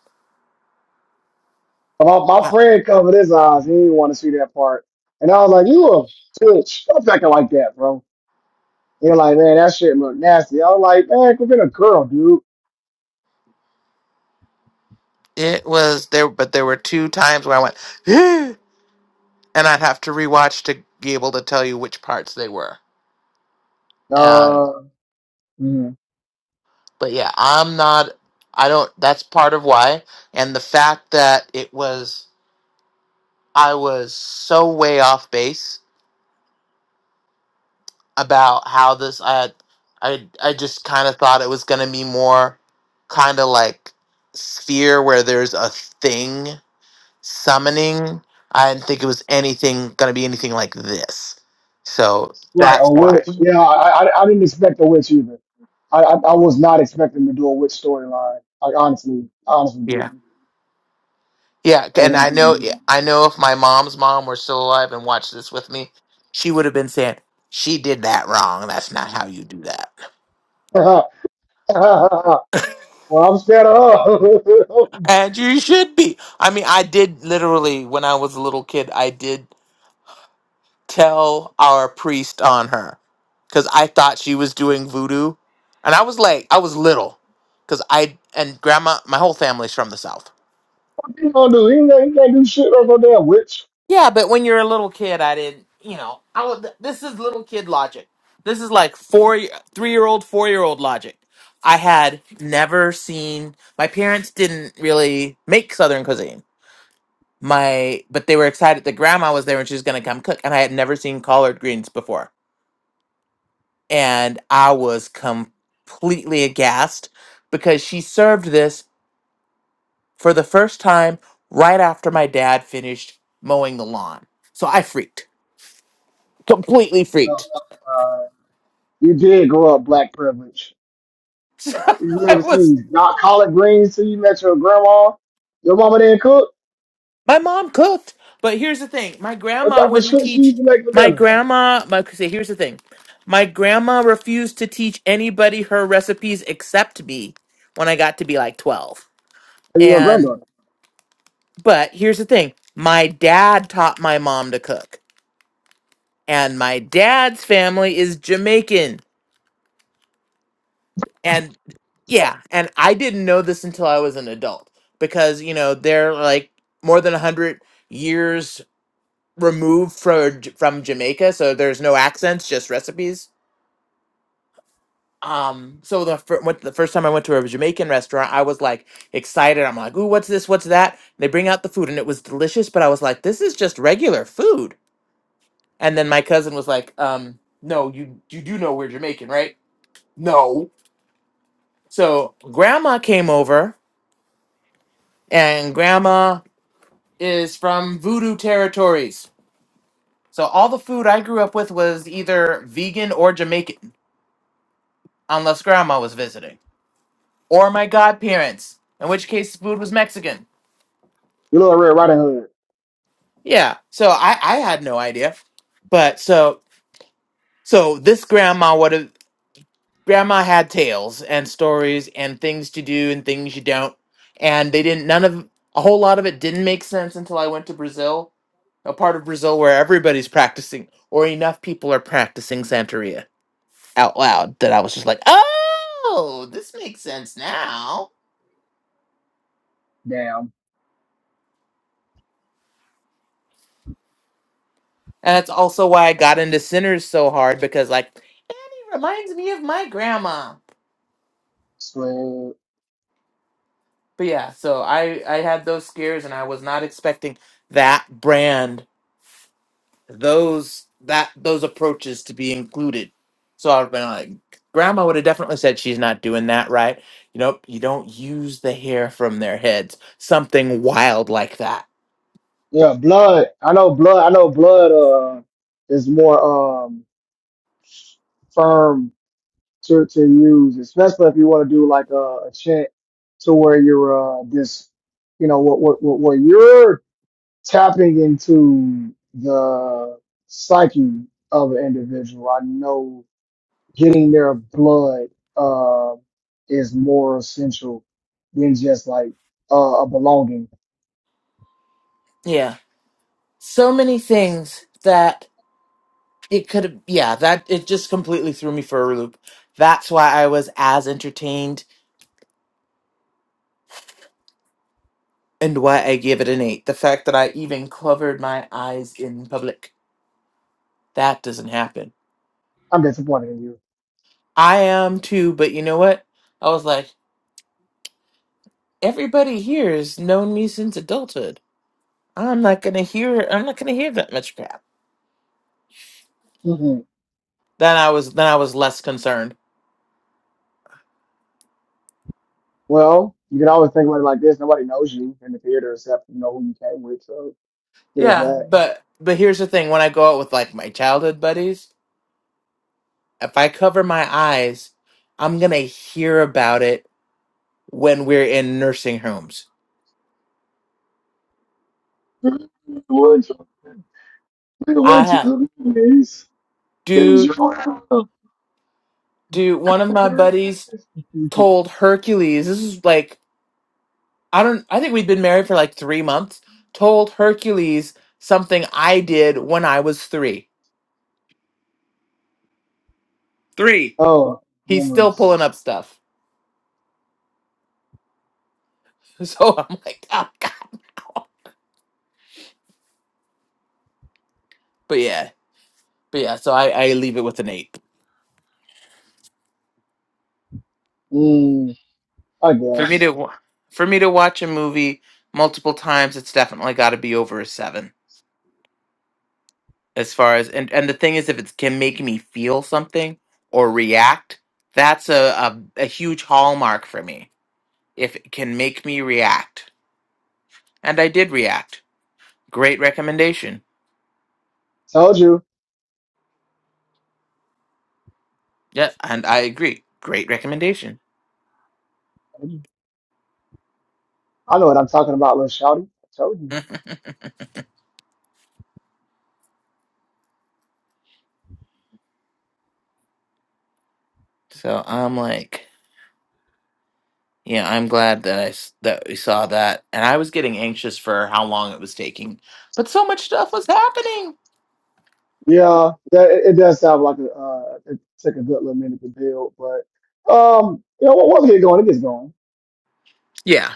my, my
Yeah.
friend covered his eyes. He didn't want to see that part. And I was like, you a bitch. Stop acting like that, bro. They're like, man, that shit look nasty. I was like, man, quit being a girl, dude.
It was there, but there were two times where I went, and I'd have to rewatch to be able to tell you which parts they were Uh,
Uh, mm-hmm.
but yeah, I'm not. I don't. That's part of why, and the fact that it was I was so way off base about how this. I I I just kind of thought it was gonna be more kind of like sphere where there's a thing summoning. I didn't think it was anything gonna be anything like this. So
Right,
that's
a
why.
witch. Yeah, I, I I didn't expect a witch either. I I, I was not expecting to do a witch storyline. I honestly, honestly
Yeah.
didn't.
Yeah,
I
and
was
I know Mm.
like,
I know if my mom's mom were still alive and watched this with me, she would have been saying, "She did that wrong. That's not how you do that."
hmm. well, I'm scared of her. what
And you should be. I mean, I did literally when I was a little kid, I did tell our priest on her cuz I thought she was doing voodoo. And I was like, I was little cuz I and grandma, my whole family's from the south.
he gonna do? He can't, he can't do shit over no damn witch.
Yeah, but when you're a little kid, I didn't, you know, I would, this is little kid logic. This is like four, three year old, four year old logic. I had never seen, my parents didn't really make Southern cuisine. My, but they were excited that grandma was there and she was going to come cook. And I had never seen collard greens before. And I was completely aghast because she served this for the first time right after my dad finished mowing the lawn. So I freaked, completely
No,
freaked
Uh, you did grow up black privilege.
So
You
I
never
was
seen not collard greens till you met your grandma. Your mama didn't cook.
my mom cooked, but here's the thing: my
What
grandma
type of
wouldn't
shit she
teach.
used to make for
My
dinner?
grandma, my say, here's the thing: my grandma refused to teach anybody her recipes except me when I got to be like twelve.
And your
And
granddaughter.
but here's the thing: my dad taught my mom to cook, and my dad's family is Jamaican, and yeah, and I didn't know this until I was an adult because you know they're like more than a hundred years removed from from Jamaica, so there's no accents, just recipes. Um, so the fir- went, the first time I went to a Jamaican restaurant, I was like excited. I'm like, "Ooh, what's this? What's that?" they bring out the food, and it was delicious, but I was like, "This is just regular food." And then my cousin was like, "Um, no, you you do know we're Jamaican, right?" No. So grandma came over, and grandma is from Voodoo territories. So all the food I grew up with was either vegan or Jamaican. unless grandma was visiting or my godparents, in which case the food was Mexican.
Your little Red Riding Hood.
Yeah, so I I had no idea, but so so this grandma would have grandma had tales and stories and things to do and things you don't, and they didn't none of a whole lot of it didn't make sense until I went to Brazil, a part of Brazil where everybody's practicing or enough people are practicing Santeria out loud that I was just like, oh, this makes sense now.
Damn.
And that's also why I got into Sinners so hard because like he reminds me of my grandma. But yeah, so I I had those scares and I was not expecting that brand those that those approaches to be included. So I've been like grandma would have definitely said she's not doing that right. You know, you don't use the hair from their heads. Something wild like that.
Yeah, blood. I know blood. I know blood. Uh, is more um firm to to use, especially if you want to do like a, a chant to where you're uh this, you know, what what what where you're tapping into the psyche of an individual. I know getting their blood uh is more essential than just like uh, a belonging.
Yeah. So many things that it could have yeah that it just completely threw me for a loop that's why i was as entertained and why i gave it an eight the fact that i even covered my eyes in public that doesn't happen
I'm disappointed in you.
i am too but you know what i was like everybody here has known me since adulthood i'm not gonna hear i'm not gonna hear that much crap
Mm-hmm.
then i was then i was less concerned
Well, you can always think about it like this. Nobody knows you in the theater except you know who you came with. So there's
yeah
that.
but but here's the thing when i go out with like my childhood buddies if i cover my eyes i'm gonna hear about it when we're in nursing homes. I have dude, dude. One of my buddies told Hercules. This is like I don't. I think we'd been married for like three months. Told Hercules something I did when I was three. Three.
Oh,
He's still
memories.
pulling up stuff. So I'm like, oh god. But yeah, but yeah. So I I leave it with an eight.
Mm, I
For me
guess.
to wa- for me to watch a movie multiple times, it's definitely got to be over a seven. as far as and and the thing is if it can make me feel something or react that's a, a a huge hallmark for me if it can make me react and i did react great recommendation
Told you.
yeah and i agree great recommendation
I know what I'm talking about, little shouty. I told you.
Mhm. so i'm like yeah i'm glad that i s- that we saw that and i was getting anxious for how long it was taking but so much stuff was happening
Yeah, that, it, it does sound like a, uh, it took a good little minute to build, but um, you know, once it gets going, it gets going.
yeah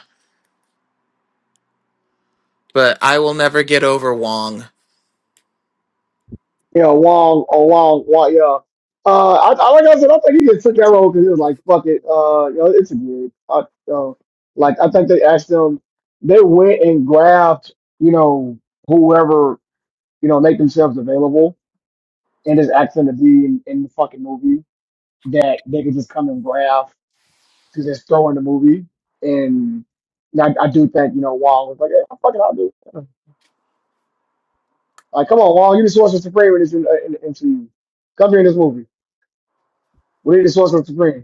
but i will never get over wong
Yeah, Wong or Wong, Wong, yeah. Uh, I, I like I said, I think he just took that role because he was like, "Fuck it, uh, you know, it's a gig." I, uh, like I think they asked them, they went and grabbed, you know, whoever, you know, make themselves available and just asked them to be in, in the fucking movie that they could just come and grab to just throw in the movie. And I, I do think, you know, Wong was like, hey, "Fuck it, I'll do." It. Like, come on, Wong, you the Sorcerer Supreme in this in, in, in, in, come here in this movie. We need the Sorcerer Supreme.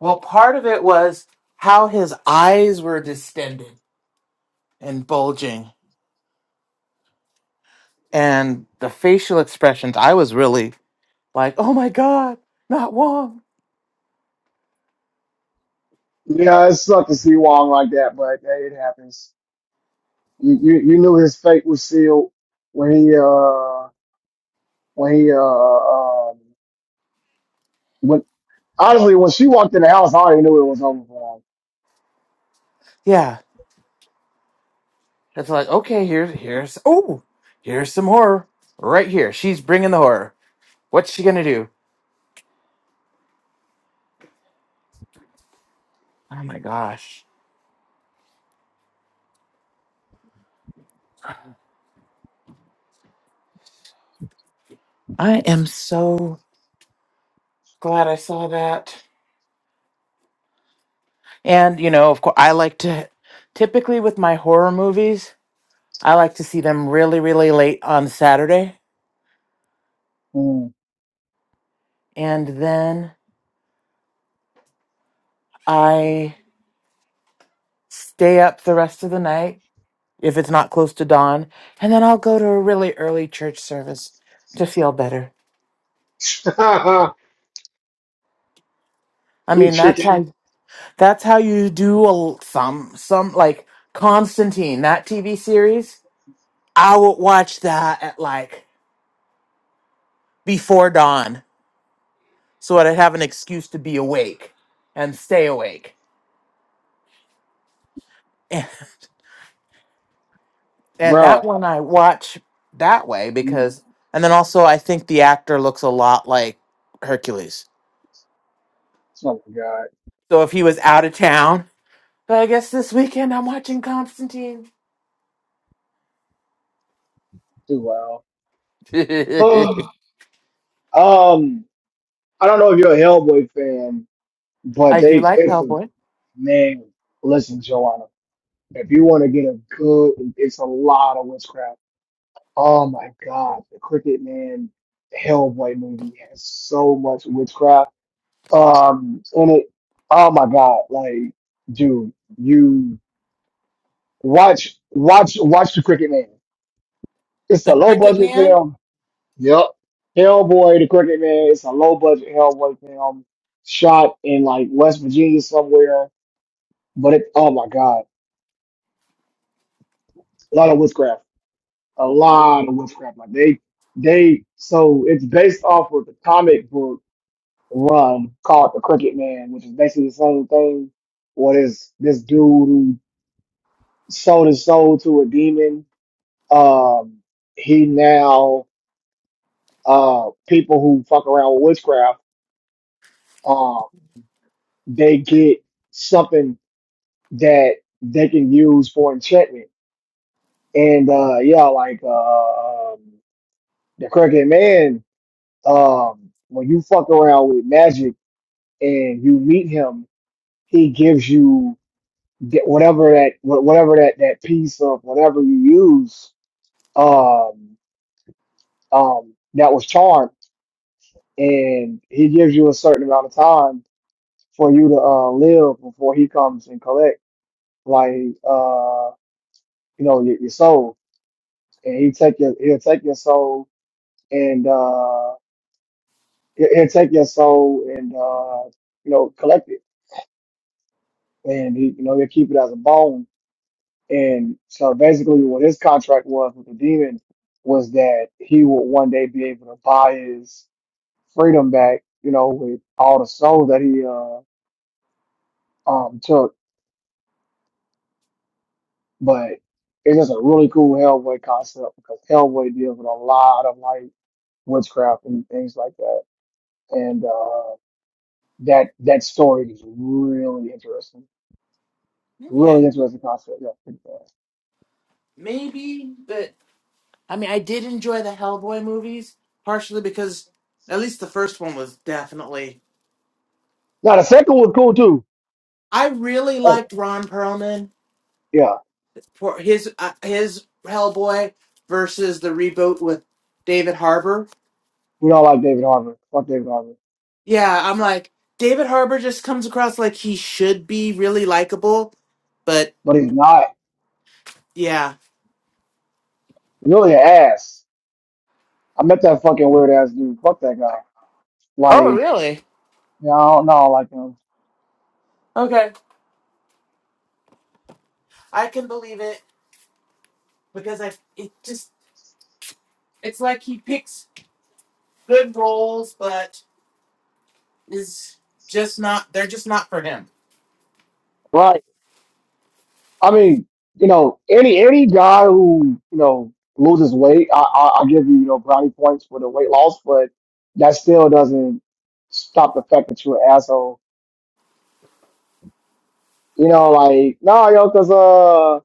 Well, part of it was how his eyes were distended and bulging, and the facial expressions. I was really like, "Oh my god, not Wong!"
Yeah, it sucked to see Wong like that, but hey, it happens. You, you you knew his fate was sealed when he uh when he uh um when honestly when she walked in the house, I already knew it was over for
Yeah, it's like, okay, here's here's oh, here's some horror right here. She's bringing the horror. What's she gonna do? Oh my gosh, I am so glad I saw that. And you know, of course, I like to typically with my horror movies, I like to see them really, really late on Saturday
him.
and then I stay up the rest of the night if it's not close to dawn, and then I'll go to a really early church service to feel better.
Mm.
I
you
mean, that's
chicken,
how that's how you do a, some some like Constantine that TV series. I would watch that at like before dawn, so I'd have an excuse to be awake and stay awake. and that
bruh.
one I watch that way
Mm.
because, and then also I think the actor looks a lot like Hercules.
Oh my god,
So if he was out of town, but I guess this weekend I'm watching Constantine.
too wild.
I
um, I don't know if you're a Hellboy fan, but
do
they
like
it's a
Hellboy.
man. Listen, Joanna, if you want to get a good, it's a lot of witchcraft Oh my God, the Cricket Man Hellboy movie has so much witchcraft. Um, and it, oh my God, like, dude, you watch, watch, watch the Cricket Man. It's a
The
low
Cricket
budget
Man.
film. Yep. Hellboy, the Cricket Man. It's a low budget Hellboy film shot in like West Virginia somewhere. But it, oh my God, a lot of witchcraft, a
Oh,
lot of witchcraft. Like they, they, so it's based off of the comic book run called the Crooked Man, which is basically the same thing. What is this dude who sold his soul to a demon? Um, he now uh people who fuck around with witchcraft, um, they get something that they can use for enchantment. And uh yeah, like uh um, the Crooked Man, um, when you fuck around with magic and you meet him, he gives you that whatever that whatever that that piece of whatever you use um um that was charmed and he gives you a certain amount of time for you to uh live before he comes and collect like uh you know your, your soul and he take your he'll take your soul and uh he- he'll take your soul and uh you know collect it and he you know he'll keep it as a bone And so basically, what his contract was with the demon was that he would one day be able to buy his freedom back, you know, with all the souls that he uh, um took. But it's just a really cool Hellboy concept because Hellboy deals with a lot of like witchcraft and things like that. And uh, that that story is really interesting. Really
Okay,
interesting concept. Yeah, pretty fast.
maybe, but I mean, I did enjoy the Hellboy movies partially because at least the first one was definitely.
Now the second was cool too.
I really
Oh
liked Ron Perlman.
yeah,
for his uh, his Hellboy versus the reboot with David Harbour.
we don't like David Harbour. Fuck David Harbour
Yeah, I'm like David Harbour just comes across like he should be really likable, but
but he's not.
yeah.
Really an ass. I met that fucking weird ass dude. Fuck that guy. Like,
Oh, really?
you know, I don't know, like him.
Okay, I can believe it because I it just it's like he picks good roles, but is just not they're just not for him.
Right. I mean, you know, any any guy who, you know, loses weight, I I I give you, you know, brownie points for the weight loss, but that still doesn't stop the fact that you're an asshole. You know, like, nah, yo, cause uh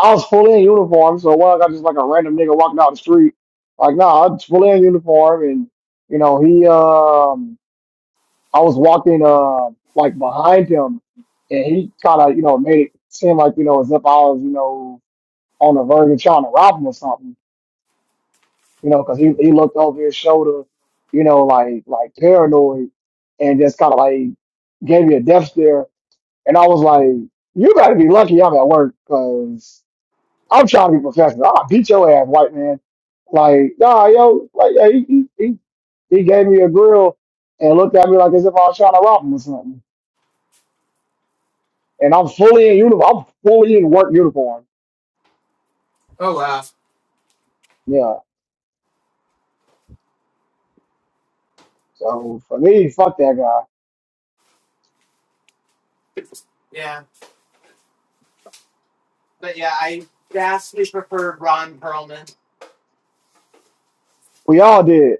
I was fully in uniform, so what I got just like a random nigga walking down the street. Like, nah, i was fully in uniform and you know, he um I was walking uh like behind him, and he kind of you know made it seem like you know as if I was you know on the verge of trying to rob him or something, you know, because he he looked over his shoulder, you know, like like paranoid, and just kind of like gave me a death stare, and I was like, you gotta be lucky I'm at work, cause I'm trying to be professional. I'll beat your ass, white man. Like nah, yo, like yeah, he he he he gave me a grill and looked at me like as if I was trying to rob him or something. and I'm fully in uniform. I'm fully in work uniform.
Oh wow.
Yeah. So for me, fuck that guy.
Yeah, but yeah, I vastly preferred Ron Perlman,
We all did.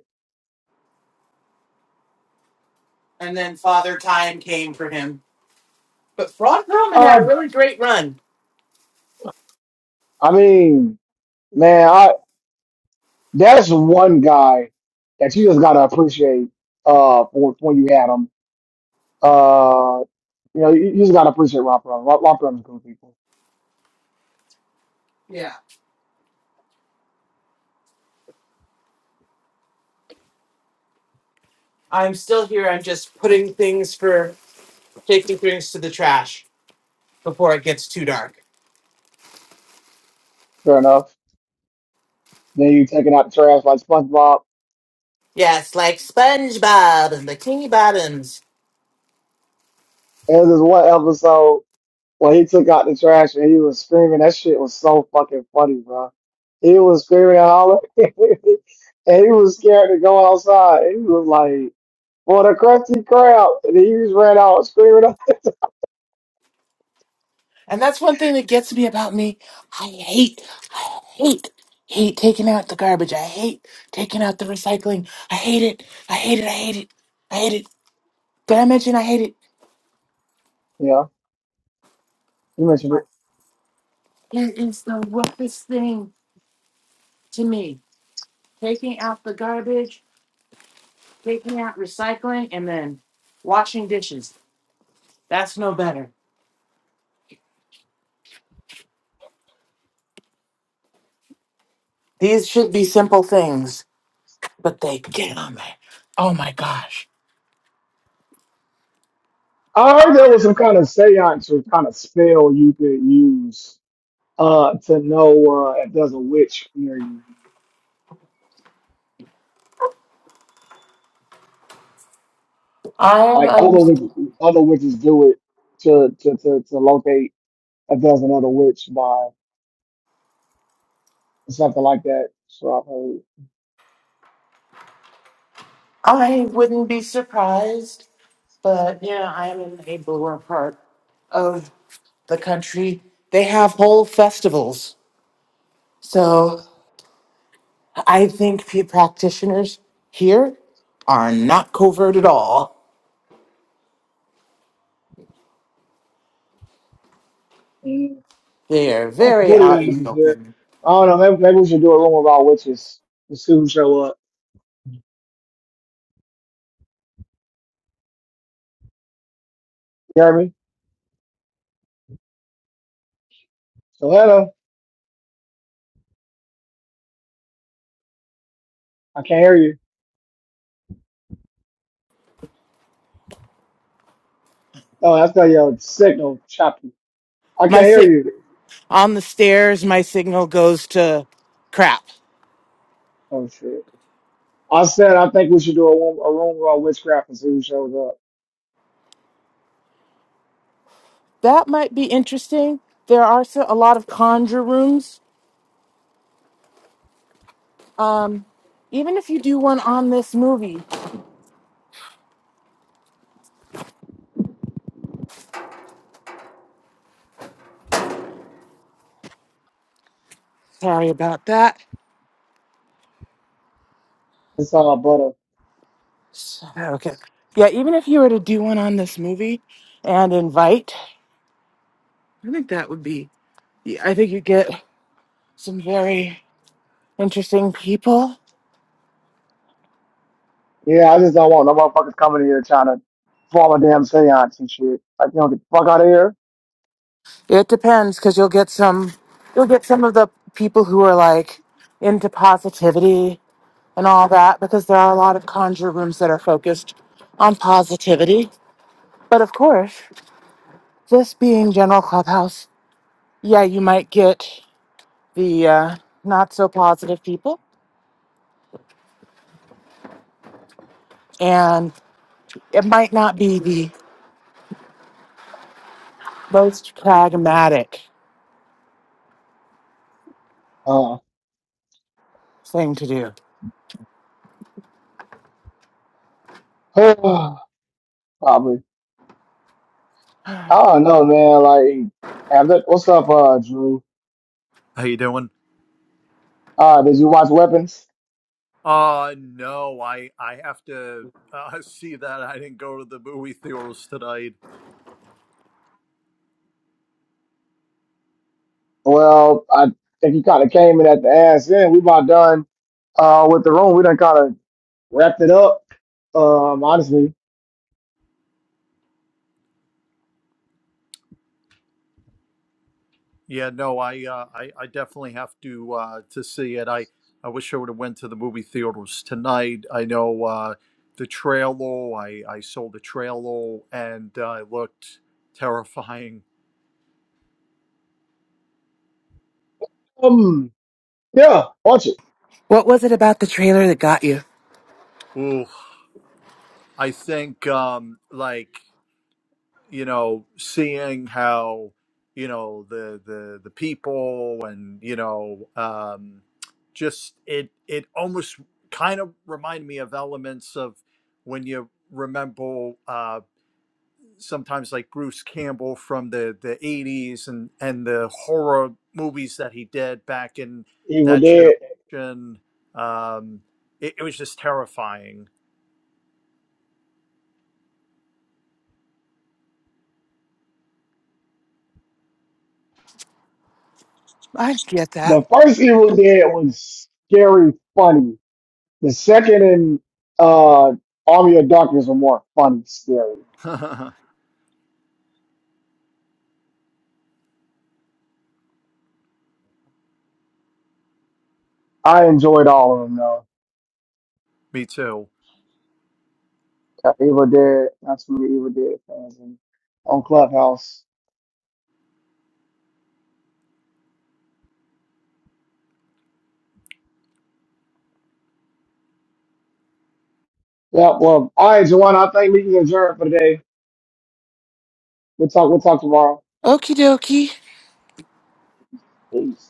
and then Father Time came for him. But Frog Roman had a
Um,
really great run.
I mean, man, I that's one guy that you just gotta appreciate. Uh, for for when you had him. Uh, you know, you, you just gotta appreciate Ron Perlman. Ron, Ron Perlman's cool people.
Yeah, I'm still here. I'm just putting things for taking things to the trash before it gets too dark.
Fair enough. Then you taking out the trash like SpongeBob.
Yes, like SpongeBob and Bikini Bottoms.
And there's this one episode. when he took out the trash and he was screaming, that shit was so fucking funny, bro. He was screaming and hollering, and he was scared to go outside. And he was like, "For the crusty crowd!" And he just ran out screaming.
And that's one thing that gets me about me. I hate, I hate, hate taking out the garbage. I hate taking out the recycling. I hate it. I hate it. I hate it. I hate it. Did I mention I hate it?
Yeah, you mentioned it.
It is the roughest thing to me. Taking out the garbage. taking out recycling, and then washing dishes. That's no better. These should be simple things, but they get on me. Oh my gosh.
I heard there was some kind of seance or kind of spell you could use uh, to know uh, if there's a witch near you.
I am
Like other
um,
witches, other witches do it to to to, to locate if there's another witch by something like that. So I have
I wouldn't be surprised, but yeah, I am in a bluer part of the country. They have whole festivals. So I think the practitioners here are not covert at all.
heard.
They are
That's
very
booty
out in the
asses here.
open.
I don't know. Maybe, maybe we should do a room about witches to see who show up. You hear me? So hello. I can't hear you. Oh, that's got your signal choppy. I
My
can't hear
sick.
you.
on the stairs, my signal goes to crap.
Oh shit. I said I think we should do a room, a room about witchcraft and see who shows up.
That might be interesting. There are so, a lot of conjure rooms. Um, even if you do one on this movie, sorry about that.
It's all butter.
So- Okay. Yeah, even if you were to do one on this movie and invite, I think that would be, yeah, I think you get some very interesting people.
Yeah, I just don't want no motherfuckers coming here trying to form a damn seance and shit. Like, you know, get the fuck out of here.
It depends because you'll get some, you'll get some of the people who are like into positivity and all that because there are a lot of conjure rooms that are focused on positivity. But of course, this being general clubhouse, yeah, you might get the uh, not so positive people, and it might not be the most pragmatic
Uh,
thing to do.
probably. I don't know, man. Like, and that- what's up, uh, Drew?
How you doing?
Uh, did you watch Weapons?
Uh no, I I have to uh, see that I didn't go to the movie theaters tonight.
Well, I think he kind of came in at the ass end. We about done uh, with the room. We done kind of wrapped it up, um, honestly.
Yeah, no, I uh, I I definitely have to uh to see it. I I wish I would have went to the movie theaters tonight. I know uh the trailer, I I saw the trailer and uh, it looked terrifying.
Um, yeah, watch it.
What was it about the trailer that got you?
Ooh, I think um like you know, seeing how, you know, the the the people and you know, um, just it it almost kind of reminded me of elements of when you remember uh, sometimes like Bruce Campbell from the the '80s and and the horror movies that he did back in
Evil
that
Dead.
generation. Um, it, it was just terrifying.
I get that.
The first Evil Dead was scary funny. The second and uh, Army of Darkness were more funny, scary. I enjoyed all of them, though.
me too.
Uh, Evil Dead, that's from the Evil Dead fans and on Clubhouse. Yeah, well, all right, Joanna, I think we can adjourn for today. We'll talk, we'll talk tomorrow.
Okie dokie.
Peace.